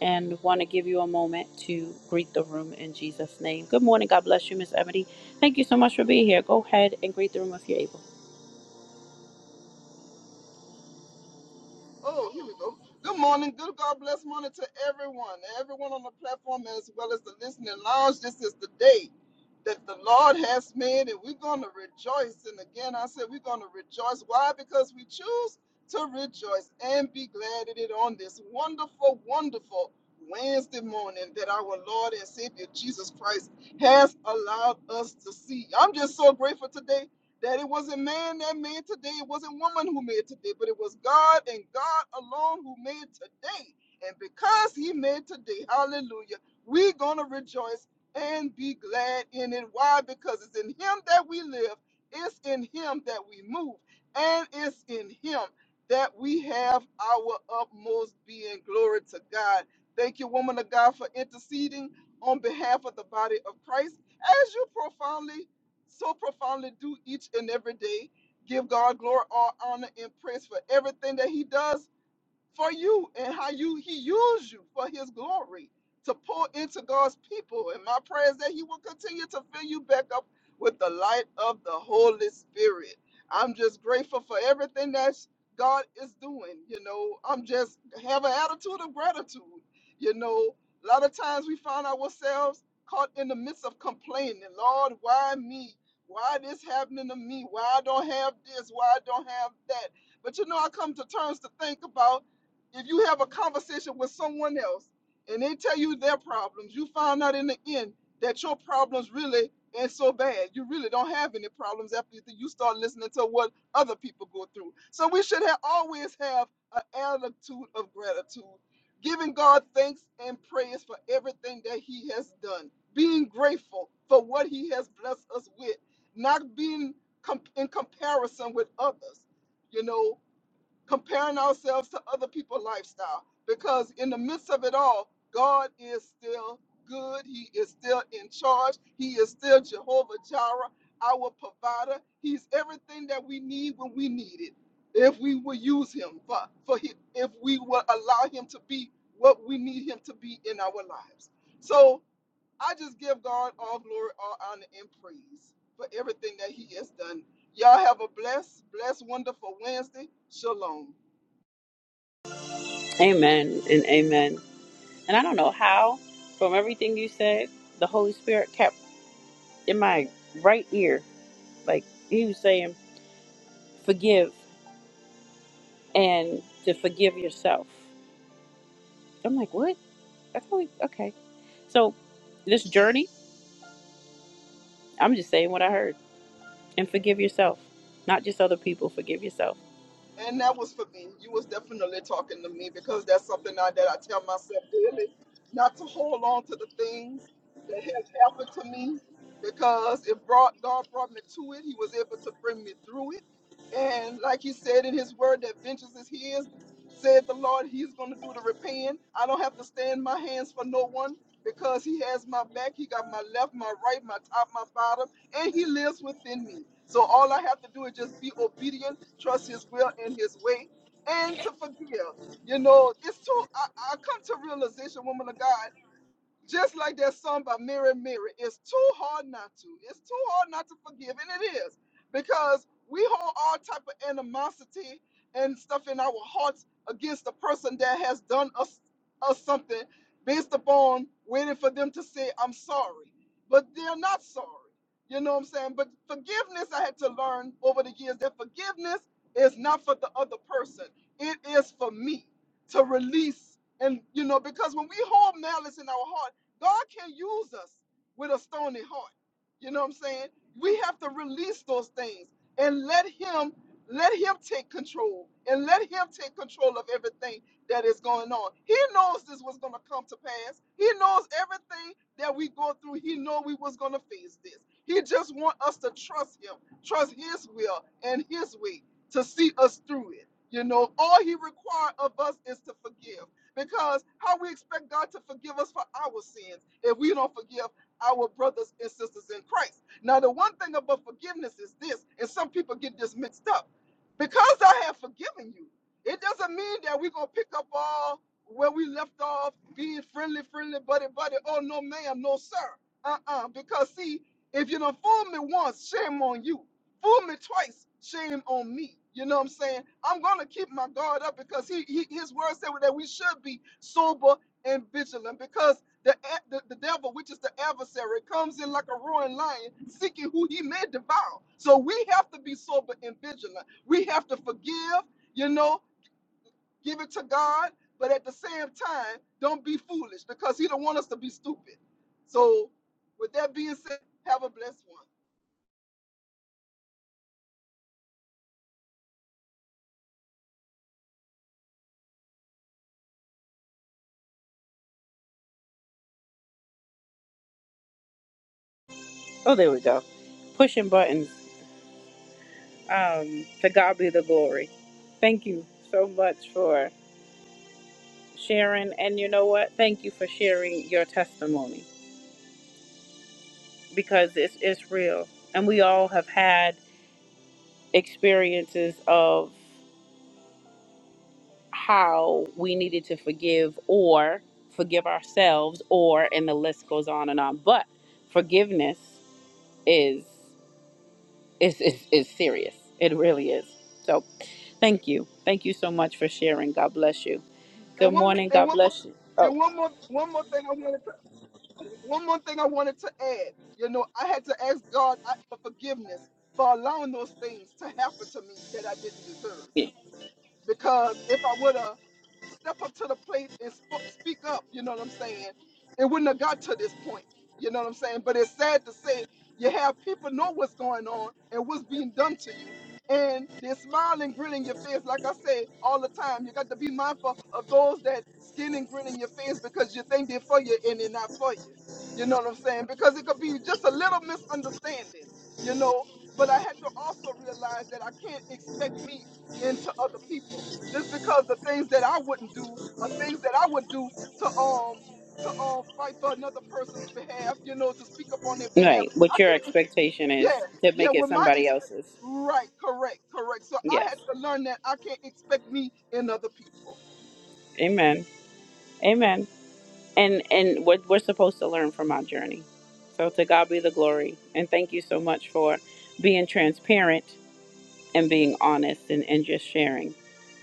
S1: and want to give you a moment to greet the room in Jesus' name. Good morning. God bless you, Miss Ebony. Thank you so much for being here. Go ahead and greet the room if you're able.
S2: Oh, here we go. Good morning. Good God bless morning to everyone. Everyone on the platform as well as the listening lounge. This is the day that the Lord has made and we're going to rejoice. And again, I said we're going to rejoice. Why? Because we choose to rejoice and be glad in it on this wonderful, wonderful Wednesday morning that our Lord and Savior Jesus Christ has allowed us to see. I'm just so grateful today that it wasn't man that made today, it wasn't woman who made today, but it was God and God alone who made today. And because He made today, hallelujah, we're going to rejoice and be glad in it. Why? Because it's in Him that we live, it's in Him that we move, and it's in Him that we have our utmost being. Glory to God. Thank you, woman of God, for interceding on behalf of the body of Christ as you profoundly so profoundly do each and every day. Give God glory, all honor, and praise for everything that He does for you and how you he used you for his glory to pour into God's people. And my prayer is that he will continue to fill you back up with the light of the Holy Spirit. I'm just grateful for everything that God is doing. You know, I'm just have an attitude of gratitude. You know, a lot of times we find ourselves caught in the midst of complaining. Lord, why me? Why this happening to me? Why I don't have this? Why I don't have that? But you know, I come to terms to think about if you have a conversation with someone else and they tell you their problems, you find out in the end that your problems really ain't so bad. You really don't have any problems after you start listening to what other people go through. So we should have always have an attitude of gratitude, giving God thanks and praise for everything that He has done, being grateful for what He has blessed us with, not being com- in comparison with others. You know, comparing ourselves to other people's lifestyle because in the midst of it all god is still good he is still in charge he is still jehovah jireh our provider he's everything that we need when we need it if we will use him for, for him, if we will allow him to be what we need him to be in our lives so i just give god all glory all honor and praise for everything that he has done y'all have a blessed blessed wonderful wednesday shalom
S1: Amen and amen. And I don't know how, from everything you said, the Holy Spirit kept in my right ear, like he was saying, forgive and to forgive yourself. I'm like, what? I thought we, okay. So this journey, I'm just saying what I heard and forgive yourself, not just other people, forgive yourself
S2: And that was for me. You was definitely talking to me because that's something I, that I tell myself daily, not to hold on to the things that has happened to me because it brought God brought me to it. He was able to bring me through it. And like he said in his word that vengeance is his, said the Lord, he's going to do the repaying. I don't have to stand my hands for no one because he has my back. He got my left, my right, my top, my bottom and he lives within me. So all I have to do is just be obedient, trust his will and his way, and to forgive. You know, it's too I, I come to realization, woman of God. Just like that song by Mary Mary, it's too hard not to. It's too hard not to forgive, and it is because we hold all type of animosity and stuff in our hearts against the person that has done us us something, based upon waiting for them to say I'm sorry, but they're not sorry. You know what I'm saying? But forgiveness, I had to learn over the years that forgiveness is not for the other person. It is for me to release and you know because when we hold malice in our heart God can use us with a stony heart. You know what I'm saying? We have to release those things and let him let him take control and let him take control of everything that is going on. He knows this was going to come to pass. He knows everything that we go through. He know we was going to face this. He just want us to trust him, trust his will and his way to see us through it. You know, all he require of us is to forgive. Because how we expect God to forgive us for our sins if we don't forgive our brothers and sisters in Christ. Now, the one thing about forgiveness is this, and some people get this mixed up. Because I have forgiven you, it doesn't mean that we're gonna pick up all where we left off, being friendly, friendly, buddy, buddy. Oh no, ma'am, no, sir. Uh-uh. Because see, if you don't fool me once, shame on you fool me twice, shame on me. You know what I'm saying? I'm gonna keep my guard up because he, he his word said that we should be sober and vigilant because the, a- the the devil, which is the adversary, comes in like a roaring lion, seeking who he may devour. So we have to be sober and vigilant. We have to forgive, you know, give it to God, but at the same time, don't be foolish because he don't want us to be stupid. So, with that being said, have a blessed one.
S1: Oh, there we go. Pushing buttons. Um, to God be the glory. Thank you so much for sharing. And you know what? Thank you for sharing your testimony because it's, it's real. And we all have had experiences of how we needed to forgive or forgive ourselves, or, and the list goes on and on. But forgiveness is. It's, it's, it's serious. It really is. So thank you. Thank you so much for sharing. God bless you. Good
S2: And one
S1: morning.
S2: and
S1: God
S2: one mo-
S1: bless you. Oh,
S2: and one more one more thing I wanted to one more thing I wanted to add. You know, I had to ask God I- for forgiveness for allowing those things to happen to me that I didn't deserve
S1: yeah.
S2: because if I would have stepped up to the plate and sp- speak up, you know what I'm saying, it wouldn't have got to this point. You know what I'm saying? But it's sad to say you have people know what's going on and what's being done to you. And they're smiling, grinning your face, like I say all the time. You got to be mindful of those that skin and grin in your face because you think they're for you and they're not for you. You know what I'm saying? Because it could be just a little misunderstanding, you know. But I had to also realize that I can't expect me into other people just because the things that I wouldn't do are things that I would do to um to um fight for another person's behalf, you know, to speak up on their behalf.
S1: right. What
S2: I
S1: your
S2: can't. e,
S1: expectation
S2: Yeah,
S1: is to
S2: yeah.
S1: make it
S2: With my
S1: somebody
S2: expect,
S1: else's.
S2: right, correct, correct. So I
S1: Yes.
S2: had to learn that I can't expect me in other people.
S1: Amen. Amen. And and what we're supposed to learn from our journey. So to God be the glory. And thank you so much for being transparent and being honest and, and just sharing.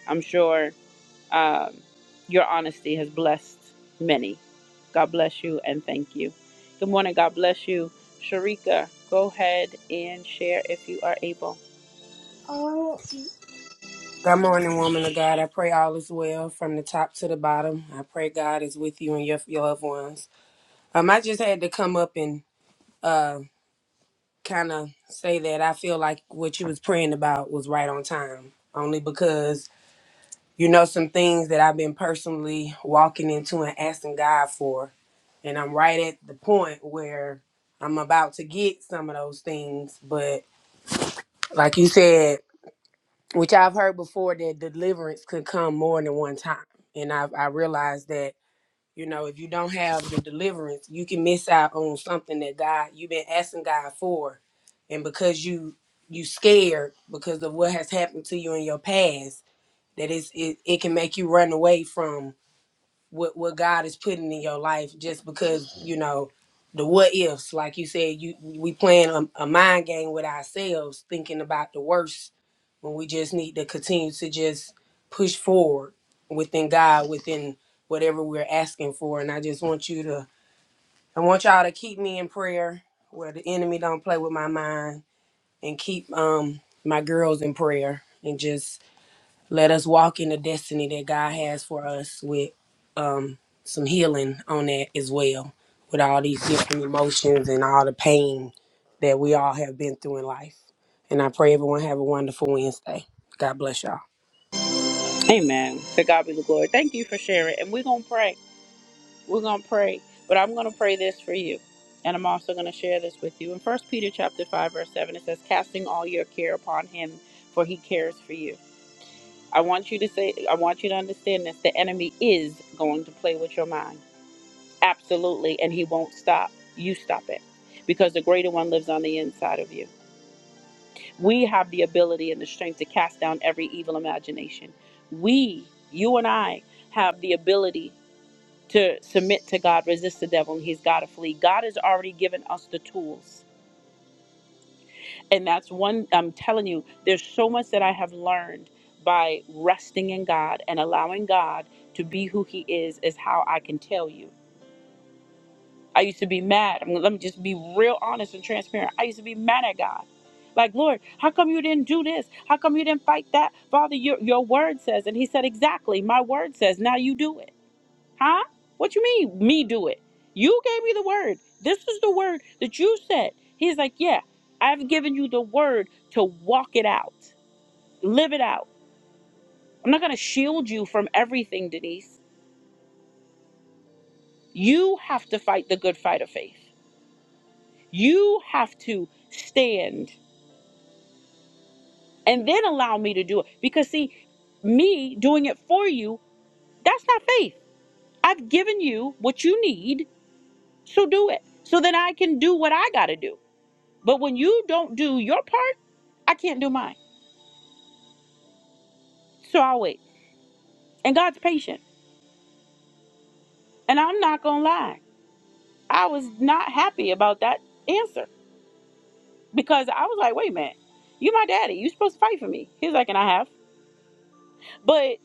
S1: I'm sure Um, your honesty has blessed many. God bless you and thank you. Good morning. God bless you. Sharika, go ahead and share if you are able.
S3: Good morning, woman of God. I pray all is well from the top to the bottom. I pray God is with you and your, your loved ones. Um, I just had to come up and uh, kind of say that I feel like what you was praying about was right on time, only because you know some things that I've been personally walking into and asking God for, and I'm right at the point where I'm about to get some of those things, but like you said. which I've heard before that deliverance could come more than one time. And I've I realized that, you know, if you don't have the deliverance, you can miss out on something that God you've been asking God for. And because you you scared because of what has happened to you in your past, that it's, it, it can make you run away from what what God is putting in your life just because you know the what ifs like you said you we playing a, a mind game with ourselves thinking about the worst when we just need to continue to just push forward within God within whatever we're asking for and I just want you to I want y'all to keep me in prayer where the enemy don't play with my mind and keep um my girls in prayer and just let us walk in the destiny that God has for us with um, some healing on that as well, with all these different emotions and all the pain that we all have been through in life. And I pray everyone have a wonderful Wednesday. God bless y'all.
S1: Amen. To God be the glory. Thank you for sharing. And we're going to pray. We're going to pray. But I'm going to pray this for you. And I'm also going to share this with you. In First Peter chapter 5, verse 7, it says, Casting all your care upon him, for he cares for you. I want you to say, I want you to understand this. The enemy is going to play with your mind. Absolutely. And he won't stop. You stop it because the greater one lives on the inside of you. We have the ability and the strength to cast down every evil imagination. We, you and I, have the ability to submit to God, resist the devil, and he's got to flee. God has already given us the tools. And that's one, I'm telling you, there's so much that I have learned by resting in God and allowing God to be who he is, is how I can tell you. I used to be mad. I'm, let me just be real honest and transparent. I used to be mad at God. Like, Lord, how come you didn't do this? How come you didn't fight that? Father, your, your word says. And he said, Exactly. My word says. Now you do it. Huh? What you mean, me do it? You gave me the word. This is the word that you said. He's like, Yeah, I've given you the word to walk it out, live it out. I'm not going to shield you from everything, Denise. You have to fight the good fight of faith. You have to stand and then allow me to do it. Because, see, me doing it for you, that's not faith. I've given you what you need, so do it. So then I can do what I got to do. But when you don't do your part, I can't do mine. So I'll wait. And God's patient. And I'm not going to lie, I was not happy about that answer because I was like, wait a minute, you my daddy. you supposed to fight for me. He's like, and I have. But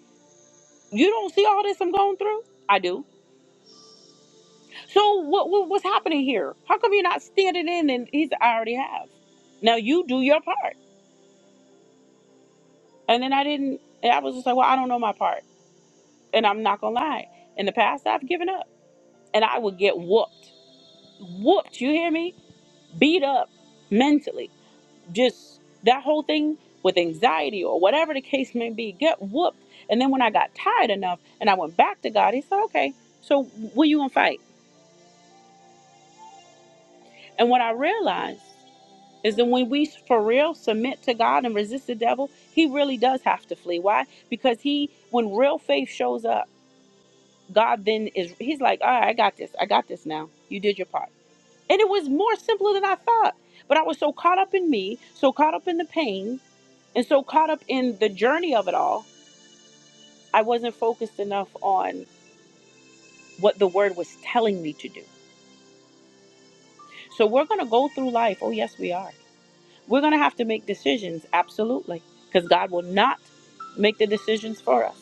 S1: you don't see all this I'm going through? I do So what, what what's happening here? How come you're not standing in? And he's I already have. Now you do your part. And then I didn't. And I was just like, well, I don't know my part. And I'm not gonna lie. In the past, I've given up, and I would get whooped, whooped. You hear me? Beat up mentally. Just that whole thing with anxiety or whatever the case may be. Get whooped. And then when I got tired enough, and I went back to God, He said, okay, so what you gonna fight? And what I realized. is that when we for real submit to God and resist the devil, he really does have to flee. Why? Because he, when real faith shows up, God then is, he's like, all right, I got this. I got this now. You did your part. And it was more simpler than I thought. But I was so caught up in me, so caught up in the pain, and so caught up in the journey of it all, I wasn't focused enough on what the word was telling me to do. So we're going to go through life. Oh, yes, we are We're going to have to make decisions, absolutely, because God will not make the decisions for us.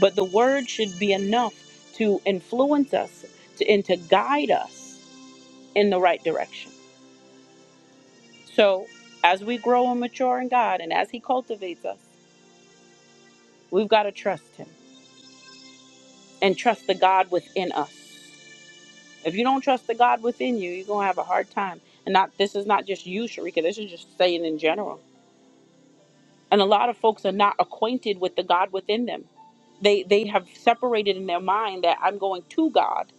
S1: But the word should be enough to influence us to, and to guide us in the right direction. So, as we grow and mature in God and as He cultivates us, we've got to trust Him and trust the God within us. If you don't trust the God within you, you're going to have a hard time. And not this is not just you, Sharika, this is just saying in general and a lot of folks are not acquainted with the god within them they they have separated in their mind that i'm going to god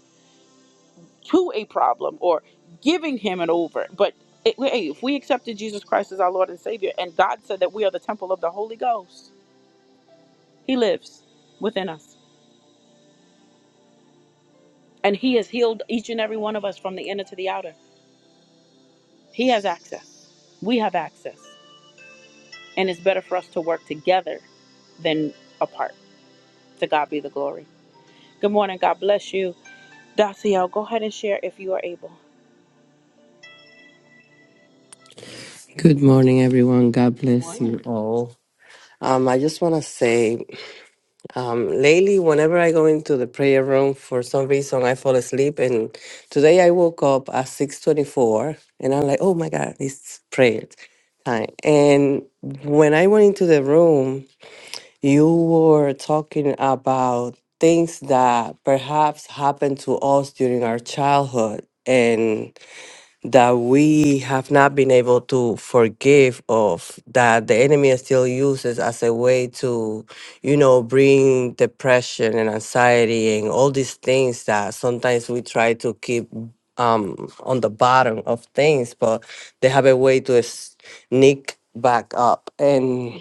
S1: to a problem or giving him an over but it, hey, if we accepted jesus christ as our lord and savior and god said that we are the temple of the holy ghost he lives within us and he has healed each and every one of us from the inner to the outer he has access we have access and it's better for us to work together than apart to god be the glory good morning god bless you Daciel, go ahead and share if you are able.
S4: Good morning, everyone. God bless you all. Um, I just want to say, um, lately, whenever I go into the prayer room, for some reason, I fall asleep. And today, I woke up at six twenty-four, and I'm like, "Oh my God, it's prayer time!" And when I went into the room, you were talking about things that perhaps happened to us during our childhood, and that we have not been able to forgive of that the enemy still uses as a way to you know bring depression and anxiety and all these things that sometimes we try to keep um on the bottom of things but they have a way to sneak back up and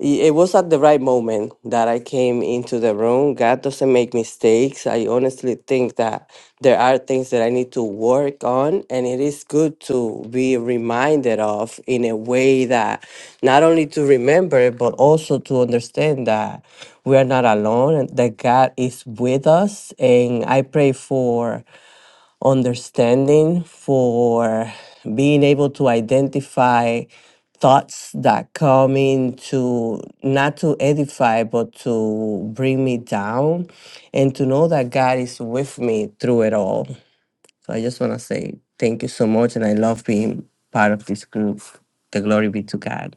S4: i- it was at the right moment that I came into the room. God doesn't make mistakes. I honestly think that there are things that I need to work on, and it is good to be reminded of in a way that not only to remember, but also to understand that we are not alone and that God is with us. And I pray for understanding, for being able to identify thoughts that come in to not to edify but to bring me down and to know that God is with me through it all. So I just want to say thank you so much and I love being part of this group. The glory be to God.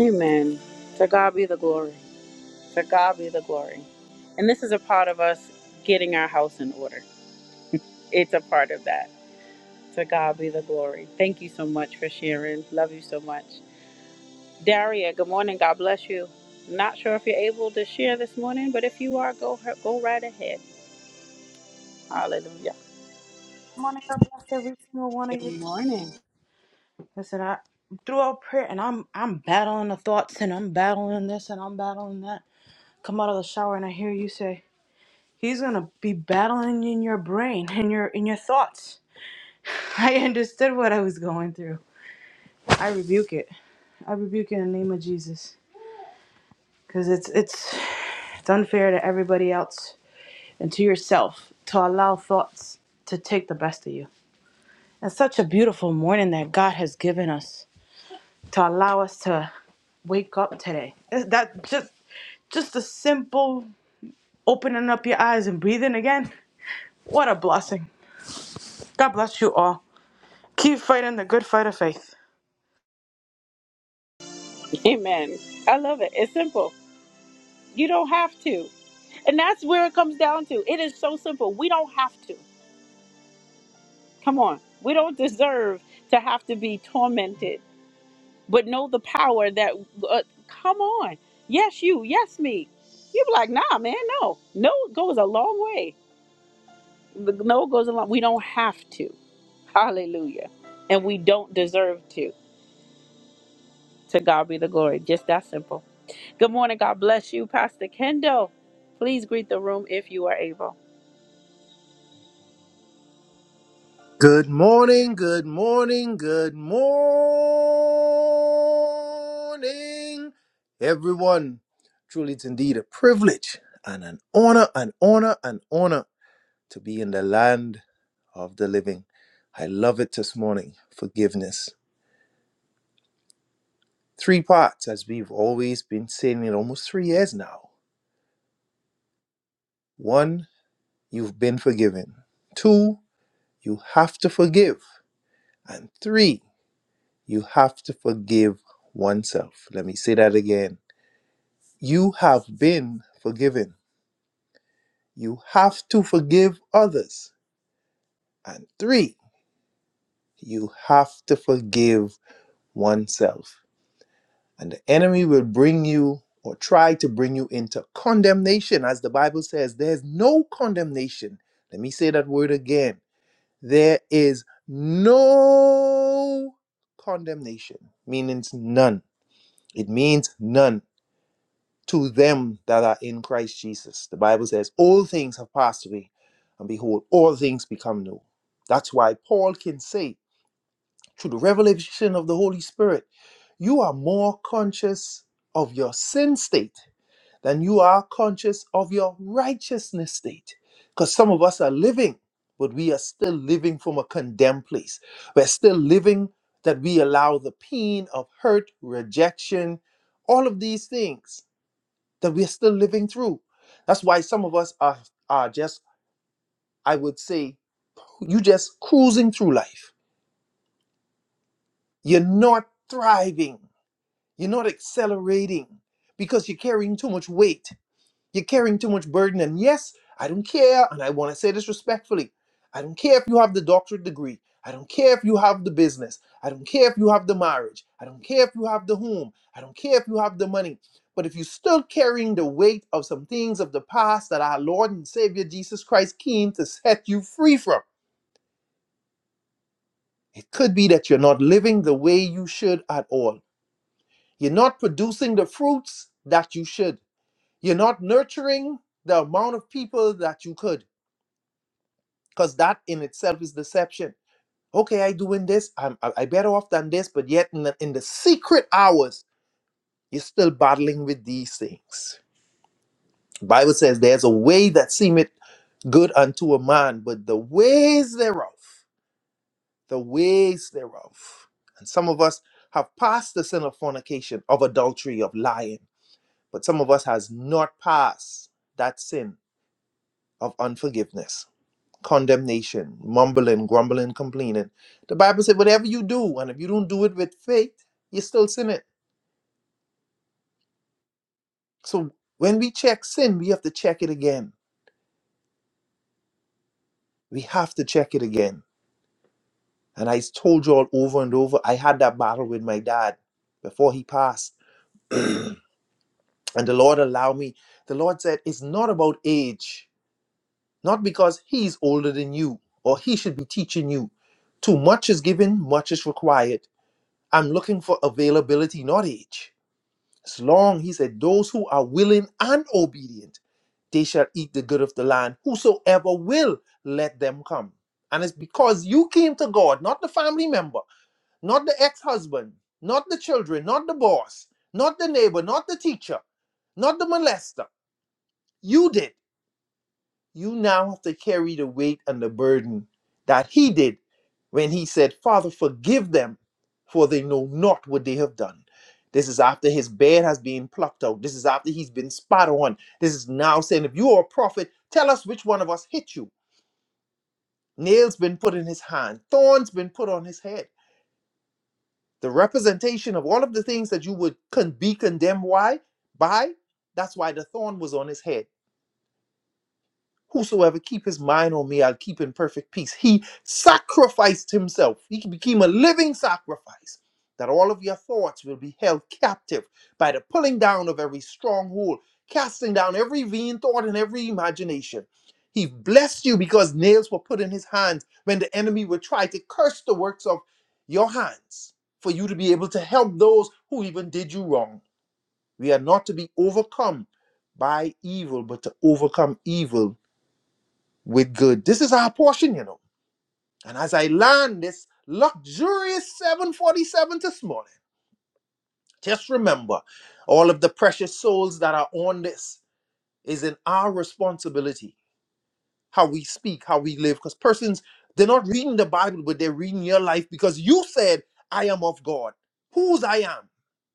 S1: Amen. To God be the glory. To God be the glory. And this is a part of us getting our house in order. It's a part of that. To God be the glory. Thank you so much for sharing. Love you so much. Daria, good morning. God bless you. Not sure if you're able to share this morning, but if you are, go go right ahead. Hallelujah.
S5: morning. God bless every single one of you.
S1: Good morning.
S5: Listen, I throughout prayer, and I'm I'm battling the thoughts, and I'm battling this, and I'm battling that. Come out of the shower, and I hear you say, "He's gonna be battling in your brain, in your in your thoughts." I understood what I was going through. I rebuke it. I rebuke it in the name of Jesus, because it's it's it's unfair to everybody else and to yourself to allow thoughts to take the best of you. It's such a beautiful morning that God has given us to allow us to wake up today. That that just just a simple opening up your eyes and breathing again. What a blessing. God bless you all. Keep fighting the good fight of faith.
S1: Amen. I love it. It's simple. You don't have to. And that's where it comes down to. It is so simple. We don't have to. Come on. We don't deserve to have to be tormented, but know the power that, uh, come on. Yes, you. Yes, me. You'd be like, nah, man, no. No goes a long way. The No goes a long We don't have to. Hallelujah. And we don't deserve to. To God be the glory. Just that simple. Good morning. God bless you, Pastor Kendall. Please greet the room if you are able.
S6: Good morning, good morning, good morning, everyone. Truly, it's indeed a privilege and an honor, an honor, an honor to be in the land of the living. I love it this morning. Forgiveness. Three parts, as we've always been saying it almost three years now. One, you've been forgiven. Two, you have to forgive. And three, You have to forgive oneself. Let me say that again. You have been forgiven. You have to forgive others. And three, you have to forgive oneself. And the enemy will bring you or try to bring you into condemnation. As the Bible says, there's no condemnation. Let me say that word again. There is no condemnation, meaning none. It means none. to them that are in Christ Jesus. The Bible says, All things have passed away, and behold, all things become new. That's why Paul can say, through the revelation of the Holy Spirit, you are more conscious of your sin state than you are conscious of your righteousness state. Because some of us are living, but we are still living from a condemned place. We're still living that we allow the pain of hurt, rejection, all of these things that we're still living through. That's why some of us are, are just, I would say, you just cruising through life. You're not thriving. You're not accelerating because you're carrying too much weight. You're carrying too much burden. And yes, I don't care. And I want to say this respectfully I don't care if you have the doctorate degree. I don't care if you have the business. I don't care if you have the marriage. I don't care if you have the home. I don't care if you have the money. But if you're still carrying the weight of some things of the past that our Lord and Savior Jesus Christ came to set you free from, it could be that you're not living the way you should at all. You're not producing the fruits that you should. You're not nurturing the amount of people that you could. because that in itself is deception. Okay, I doing this. I'm I, I better off than this, but yet in the, in the secret hours, you're still battling with these things. Bible says there's a way that seemeth good unto a man, but the ways thereof, the ways thereof. And some of us have passed the sin of fornication, of adultery, of lying, but some of us has not passed that sin of unforgiveness. condemnation, mumbling, grumbling, complaining. The Bible said, whatever you do, and if you don't do it with faith, you are still sinning." So when we check sin, we have to check it again. We have to check it again. And I told you all over and over, I had that battle with my dad before he passed. and the Lord allowed me. The Lord said, it's not about age, not because he's older than you or he should be teaching you. Too much is given, much is required. I'm looking for availability, not age. As long, he said, those who are willing and obedient, they shall eat the good of the land. Whosoever will, let them come. And it's because you came to God, not the family member, not the ex husband, not the children, not the boss, not the neighbor, not the teacher, not the molester. You did. You now have to carry the weight and the burden that he did when he said, Father, forgive them, for they know not what they have done. This is after his beard has been plucked out. This is after he's been spat on. This is now saying, if you are a prophet, tell us which one of us hit you. Nails been put in his hand, thorns been put on his head. The representation of all of the things that you would con- be condemned why by, that's why the thorn was on his head Whosoever keep his mind on me, I'll keep in perfect peace. He sacrificed himself. He became a living sacrifice that all of your thoughts will be held captive by the pulling down of every stronghold, casting down every vain thought and every imagination. He blessed you because nails were put in his hands when the enemy would try to curse the works of your hands for you to be able to help those who even did you wrong. We are not to be overcome by evil, but to overcome evil with good. This is our portion, you know. And as I land this luxurious 747 this morning, just remember all of the precious souls that are on this is in our responsibility how we speak, how we live. Because persons, they're not reading the Bible, but they're reading your life because you said, I am of God, whose I am.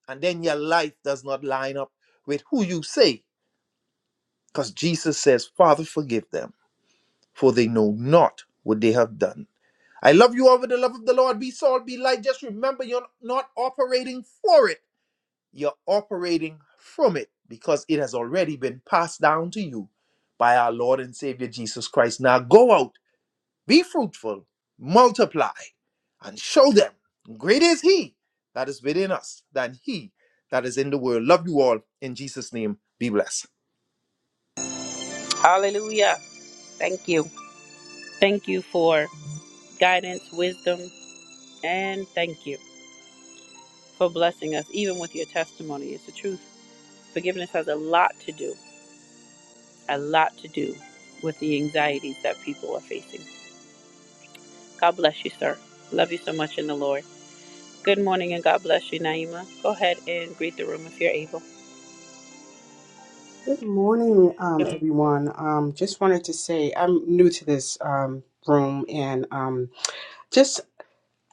S6: And then your life does not line up with who you say. Because Jesus says, Father, forgive them, for they know not what they have done. I love you all with the love of the Lord. Be salt, be light. Just remember you're not operating for it, you're operating from it because it has already been passed down to you by our Lord and Savior Jesus Christ. Now go out, be fruitful, multiply, and show them greater is He that is within us than He that is in the world. Love you all. In Jesus' name, be blessed.
S1: Hallelujah. Thank you. Thank you for guidance, wisdom, and thank you. for blessing us, even with your testimony. It's the truth. Forgiveness has a lot to do, a lot to do with the anxieties that people are facing. God bless you, sir. Love you so much in the Lord. Good morning and God bless you, Naima. Go ahead and greet the room if you're able.
S7: Good morning, um, everyone. Um, just wanted to say I'm new to this um, room, and um, just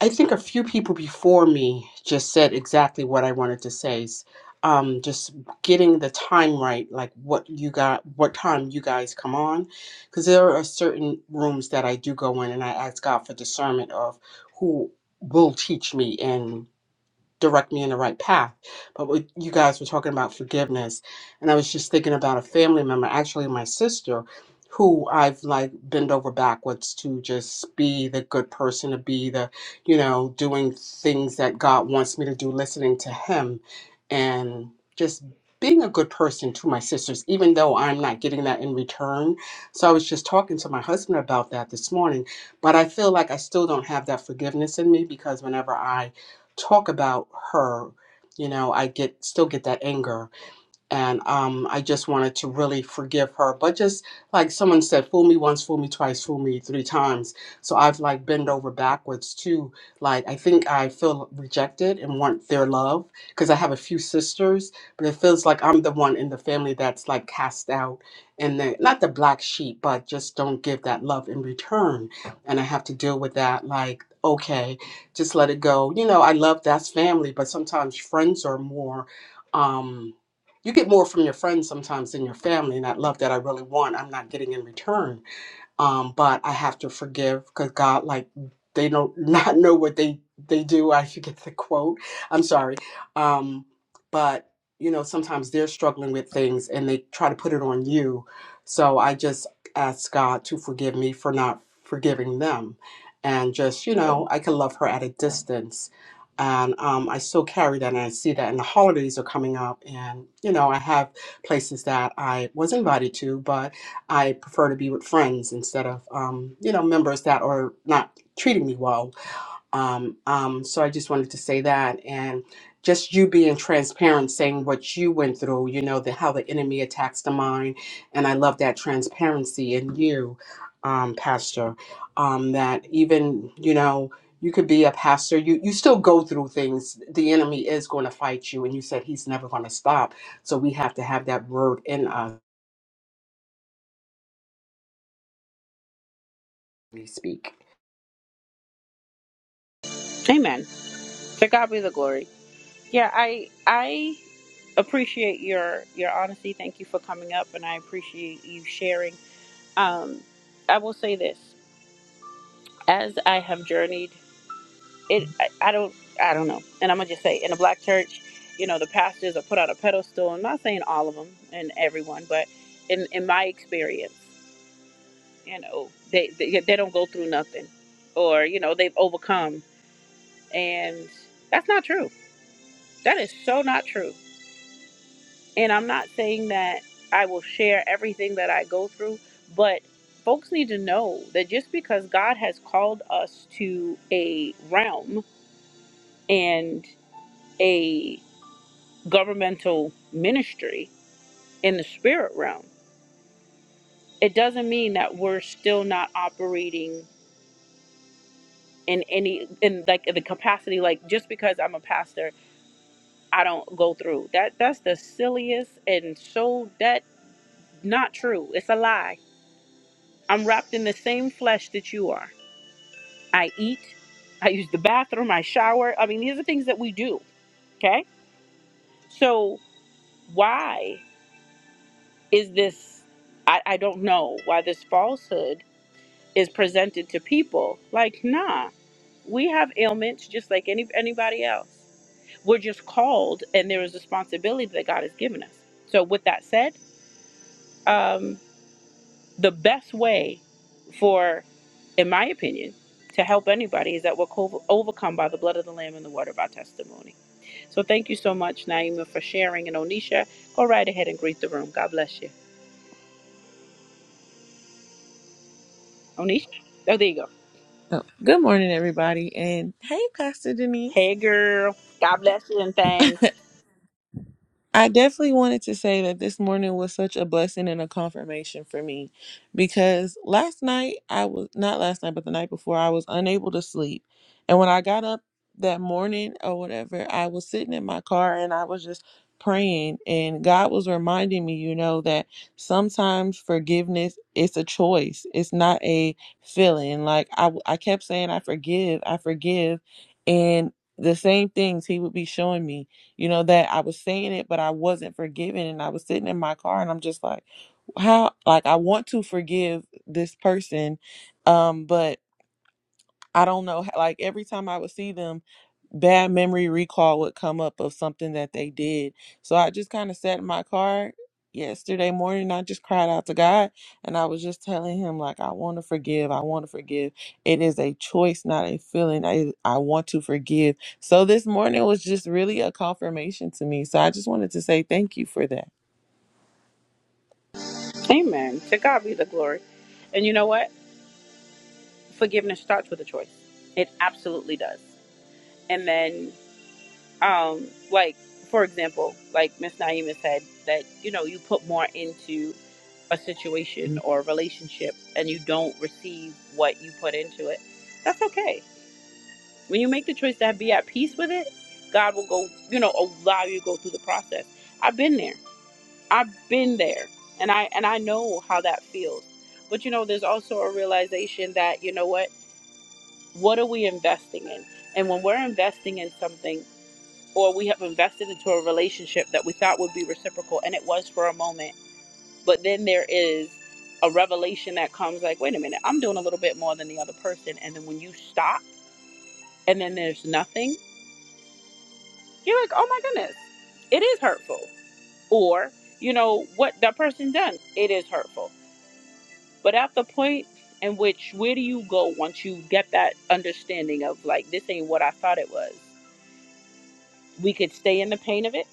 S7: I think a few people before me just said exactly what I wanted to say. S- Um, just getting the time right, like what you got, what time you guys come on, because there are certain rooms that I do go in, and I ask God for discernment of who will teach me, direct me in the right path. But what you guys were talking about forgiveness, and I was just thinking about a family member, actually my sister, who I've like bent over backwards to just be the good person, to be the, you know, doing things that God wants me to do, listening to Him, and just being a good person to my sisters, even though I'm not getting that in return. So I was just talking to my husband about that this morning, but I feel like I still don't have that forgiveness in me because whenever I talk about her, you know, I get still get that anger and um, I just wanted to really forgive her. But just like someone said, fool me once, fool me twice, fool me three times. So I've like bent over backwards too. Like I think I feel rejected and want their love because I have a few sisters, but it feels like I'm the one in the family that's like cast out and the, not the black sheep, but just don't give that love in return. And I have to deal with that. Like okay, just let it go. You know, I love that's family, but sometimes friends are more. Um, you get more from your friends sometimes than your family and that love that i really want i'm not getting in return um, but I have to forgive because God, like, they don't not know what they they do. I forget the quote. I'm sorry, um, but you know sometimes they're struggling with things and they try to put it on you. So I just ask God to forgive me for not forgiving them, and just you know I can love her at a distance. And um, I still carry that, and I see that. And the holidays are coming up, and you know I have places that I was invited to, but I prefer to be with friends instead of, um, you know, members that are not treating me well. Um, um, so I just wanted to say that. And just you being transparent, saying what you went through, you know, the, how the enemy attacks the mind. And I love that transparency in you, um, Pastor, um, that even, you know, you could be a pastor. You, you still go through things. The enemy is going to fight you. And you said he's never going to stop. So we have to have that word in us. when We speak.
S1: Amen. To God be the glory. Yeah, I I appreciate your your honesty. Thank you for coming up, and I appreciate you sharing. Um, I will say this: as I have journeyed it I, I don't I don't know. And I'm gonna just say in a black church, you know, the pastors are put on a pedestal. I'm not saying all of them and everyone, but in in my experience, you know, they they, they don't go through nothing, or you know, they've overcome, and that's not true. That is so not true. And I'm not saying that I will share everything that I go through, but folks need to know that just because God has called us to a realm and governmental ministry in the spirit realm, it doesn't mean that we're still not operating in any in like the capacity like just because I'm a pastor, I don't go through. That that's the silliest and so that not true. It's a lie. I'm wrapped in the same flesh that you are. I eat, I use the bathroom, I shower. I mean, these are things that we do. Okay? So why is this I, I don't know why this falsehood is presented to people. Like, nah, we have ailments just like any anybody else. We're just called, and there is responsibility that God has given us. So, with that said, um, the best way for, in my opinion, to help anybody is that we're co- overcome by the blood of the Lamb and the word of our testimony. So, thank you so much, Naima, for sharing. And Onisha, go right ahead and greet the room. God bless you. Onisha? Oh, there you go.
S8: Oh, good morning, everybody, and hey, Pastor Denise.
S1: Hey, girl. God bless you and thanks.
S8: I definitely wanted to say that this morning was such a blessing and a confirmation for me because last night I was not last night but the night before I was unable to sleep. And when I got up that morning or whatever, I was sitting in my car and I was just praying and God was reminding me, you know, that sometimes forgiveness is a choice. It's not a feeling. Like I w- I kept saying I forgive, I forgive and the same things he would be showing me you know, that I was saying it, but I wasn't forgiving. And I was sitting in my car and I'm just like, how, like, I want to forgive this person, um, but I don't know. Like every time I would see them, bad memory recall would come up of something that they did. So I just kind of sat in my car yesterday morning. I just cried out to God and I was just telling him, like, I want to forgive. I want to forgive. It is a choice, not a feeling. I, I want to forgive. So this morning was just really a confirmation to me. So I just wanted to say thank you for that.
S1: Amen. To God be the glory. And you know what? Forgiveness starts with a choice. It absolutely does. And then, um, like for example, like Miss Naima said that you know you put more into a situation or a relationship and you don't receive what you put into it. That's okay. When you make the choice to be at peace with it, God will go. You know, allow you to go through the process. I've been there. I've been there and I and I know how that feels. But you know, there's also a realization that, you know what, what are we investing in? And when we're investing in something or we have invested into a relationship that we thought would be reciprocal and it was for a moment, but then there is a revelation that comes like, wait a minute, I'm doing a little bit more than the other person and then when you stop and then there's nothing, you're like, "Oh my goodness, it is hurtful." Or, you know, what that person done, it is hurtful But at the point in which, where do you go once you get that understanding of like, this ain't what I thought it was? We could stay in the pain of it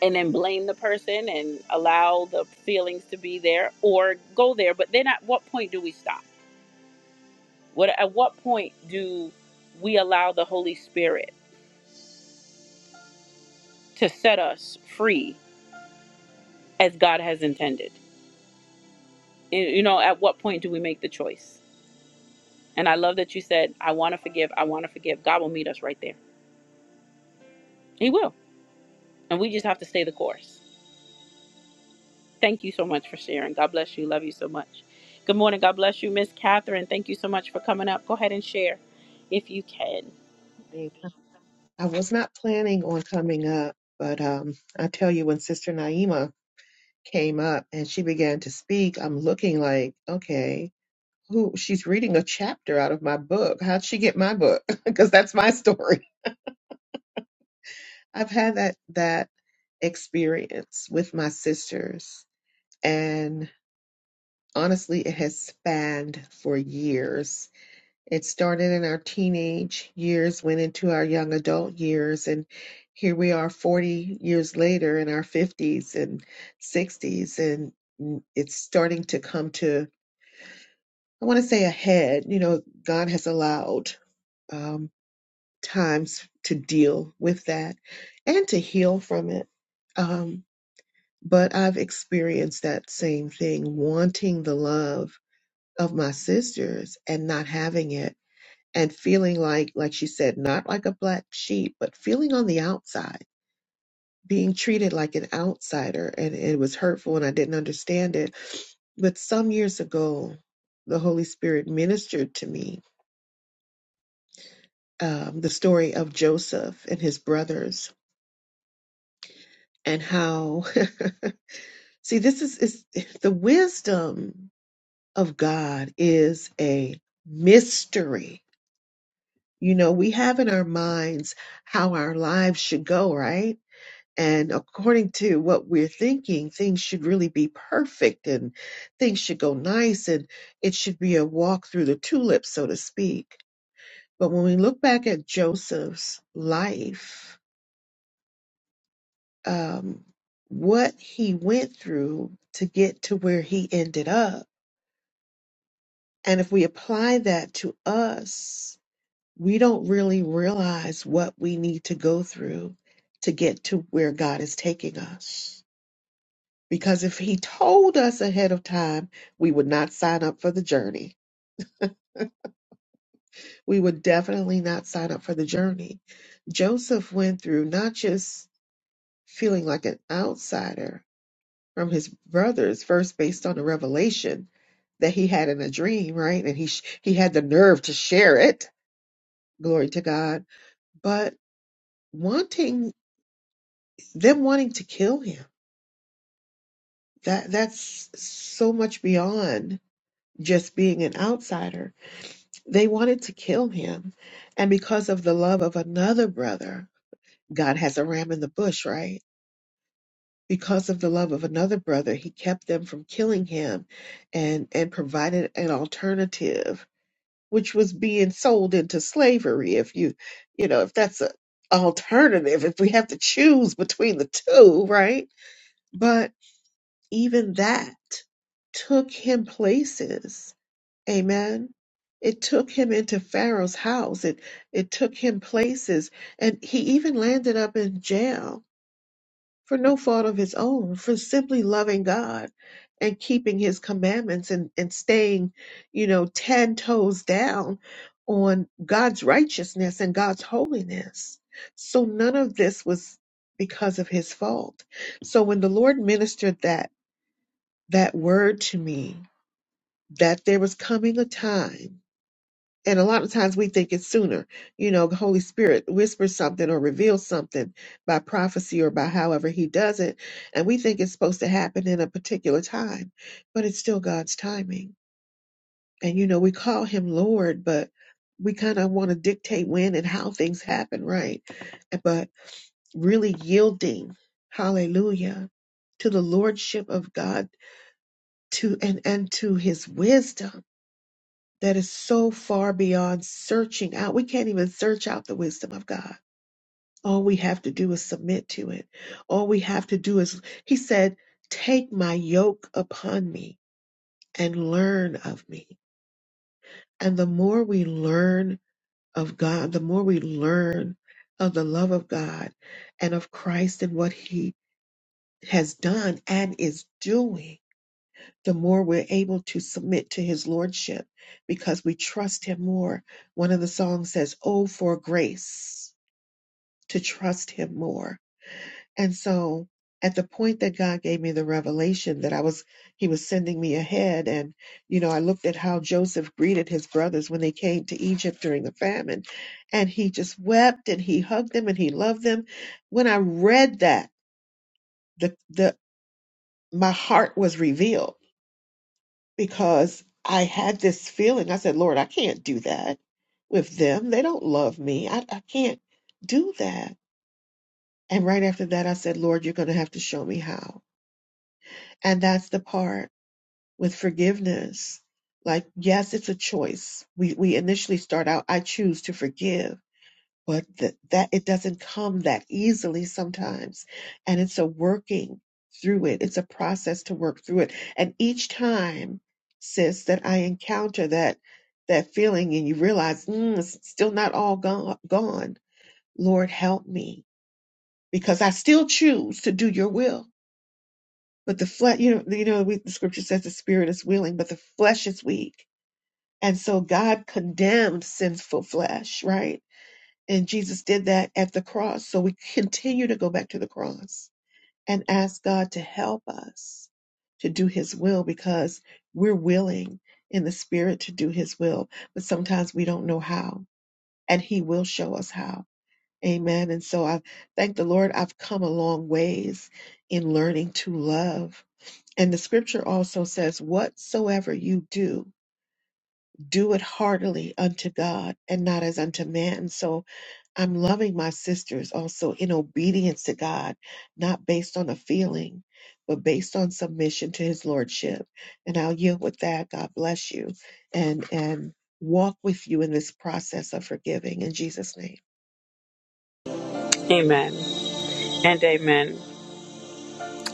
S1: and then blame the person and allow the feelings to be there or go there. But then at what point do we stop? What At what point do we allow the Holy Spirit to set us free as God has intended? You you know, at what point do we make the choice? And I love that you said, I want to forgive, I want to forgive. God will meet us right there. He will. And we just have to stay the course Thank you so much for sharing. God bless you. Love you so much. Good morning. God bless you, Miss Catherine. Thank you so much for coming up. Go ahead and share if you can.
S9: Hey, I was not planning on coming up, but um, I tell you, when Sister Naima came up and she began to speak, I'm looking like, okay, who? She's reading a chapter out of my book. How'd she get my book? Because that's my story. I've had that that experience with my sisters, and honestly, it has spanned for years It started in our teenage years, went into our young adult years, and here we are 40 years later in our 50s and 60s, and mm, it's starting to come to, I want to say, a head. You know, God has allowed um, times to deal with that and to heal from it. Um, but I've experienced that same thing, wanting the love of my sisters and not having it and feeling like like she said not like a black sheep but feeling on the outside being treated like an outsider and it was hurtful and i didn't understand it but some years ago the holy spirit ministered to me um, the story of joseph and his brothers and how see this is, is the wisdom of god is a mystery you know we have in our minds how our lives should go right And according to what we're thinking, things should really be perfect and things should go nice and it should be a walk through the tulips, so to speak. But when we look back at Joseph's life, um, what he went through to get to where he ended up, and if we apply that to us, we don't really realize what we need to go through to get to where God is taking us Because if he told us ahead of time, we would not sign up for the journey. We would definitely not sign up for the journey. Joseph went through not just feeling like an outsider from his brothers, first based on the revelation that he had in a dream, right? And he sh- he had the nerve to share it. Glory to God. But wanting them wanting to kill him. That that's so much beyond just being an outsider They wanted to kill him. And because of the love of another brother, God has a ram in the bush, right? Because of the love of another brother, he kept them from killing him and, and provided an alternative, which was being sold into slavery. If you, you know, if that's a alternative, if we have to choose between the two, right? But even that took him places Amen. It took him into Pharaoh's house. It it took him places and he even landed up in jail for no fault of his own, for simply loving God and keeping his commandments and, and staying, you know, ten toes down on God's righteousness and God's holiness. So none of this was because of his fault. So when the Lord ministered that that word to me, that there was coming a time and a lot of times we think it's sooner you know the holy spirit whispers something or reveals something by prophecy or by however he does it and we think it's supposed to happen in a particular time but it's still god's timing and you know we call him lord but we kind of want to dictate when and how things happen right but really yielding hallelujah to the lordship of god to and and to his wisdom that is so far beyond searching out. We can't even search out the wisdom of God. All we have to do is submit to it. All we have to do is, he said, take my yoke upon me and learn of me. And the more we learn of God, the more we learn of the love of God and of Christ and what he has done and is doing, the more we're able to submit to his lordship because we trust him more. One of the songs says, Oh, for grace to trust him more. And so at the point that God gave me the revelation that I was, he was sending me ahead. And, you know, I looked at how Joseph greeted his brothers when they came to Egypt during the famine and he just wept and he hugged them and he loved them. When I read that, the, the, my heart was revealed because I had this feeling. I said, Lord, I can't do that with them. They don't love me. I, I can't do that. And right after that, I said, Lord, you're going to have to show me how. And that's the part with forgiveness. Like, yes, it's a choice. We, we initially start out, I choose to forgive but that, that it doesn't come that easily sometimes and it's a working through it it's a process to work through it and each time sis that i encounter that that feeling and you realize mm, it's still not all gone gone lord help me because i still choose to do your will but the flesh you know you know we, the scripture says the spirit is willing but the flesh is weak and so god condemned sinful flesh right and Jesus did that at the cross. So we continue to go back to the cross and ask God to help us to do his will because we're willing in the spirit to do his will, but sometimes we don't know how, and he will show us how. Amen. And so I thank the Lord I've come a long ways in learning to love. And the scripture also says, Whatsoever you do, do it heartily unto God and not as unto man. So I'm loving my sisters also in obedience to God, not based on a feeling, but based on submission to his lordship. And I'll yield with that. God bless you and and walk with you in this process of forgiving in Jesus' name.
S1: Amen and amen.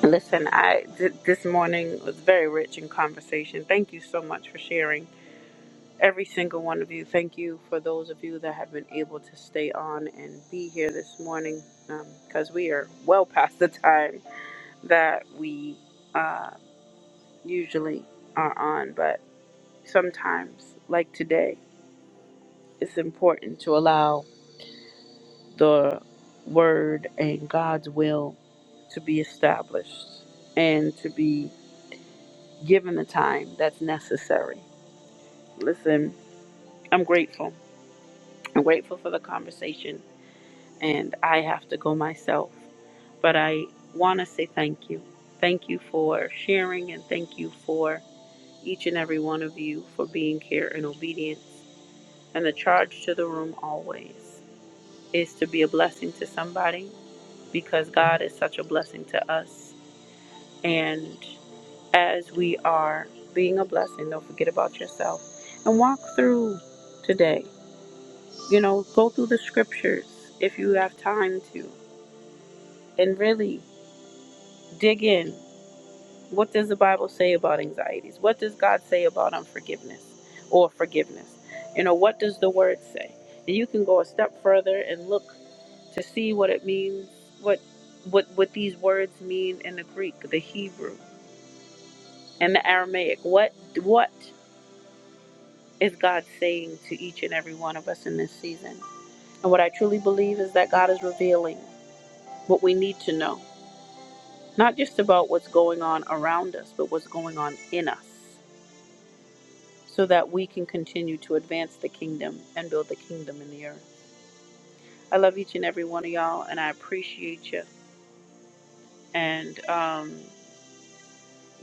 S1: Listen, I th- this morning was very rich in conversation. Thank you so much for sharing. Every single one of you. Thank you for those of you that have been able to stay on and be here this morning because we are well past the time that we uh, usually are on. But sometimes, like today, it's important to allow the word and God's will to be established and to be given the time that's necessary. Listen, I'm grateful. I'm grateful for the conversation, and I have to go myself. But I want to say thank you. Thank you for sharing, and thank you for each and every one of you for being here in obedience. And the charge to the room always is to be a blessing to somebody because God is such a blessing to us. And as we are being a blessing, don't forget about yourself and walk through today. You know, go through the scriptures if you have time to and really dig in. What does the Bible say about anxieties? What does God say about unforgiveness or forgiveness? You know, what does the word say? And you can go a step further and look to see what it means, what what what these words mean in the Greek, the Hebrew in the Aramaic. What what is God saying to each and every one of us in this season? And what I truly believe is that God is revealing what we need to know, not just about what's going on around us, but what's going on in us, so that we can continue to advance the kingdom and build the kingdom in the earth. I love each and every one of y'all, and I appreciate you. And um,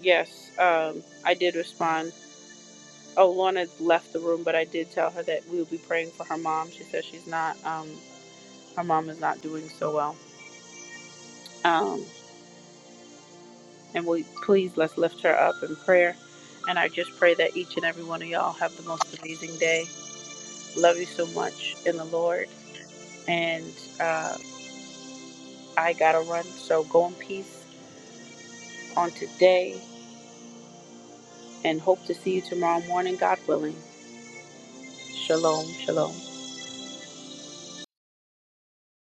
S1: yes, um, I did respond. Oh, Lorna left the room, but I did tell her that we will be praying for her mom. She says she's not. um, Her mom is not doing so well. Um, and we please let's lift her up in prayer. And I just pray that each and every one of y'all have the most amazing day. Love you so much in the Lord. And uh, I gotta run, so go in peace on today, and hope to see you tomorrow morning, God willing. Shalom, shalom.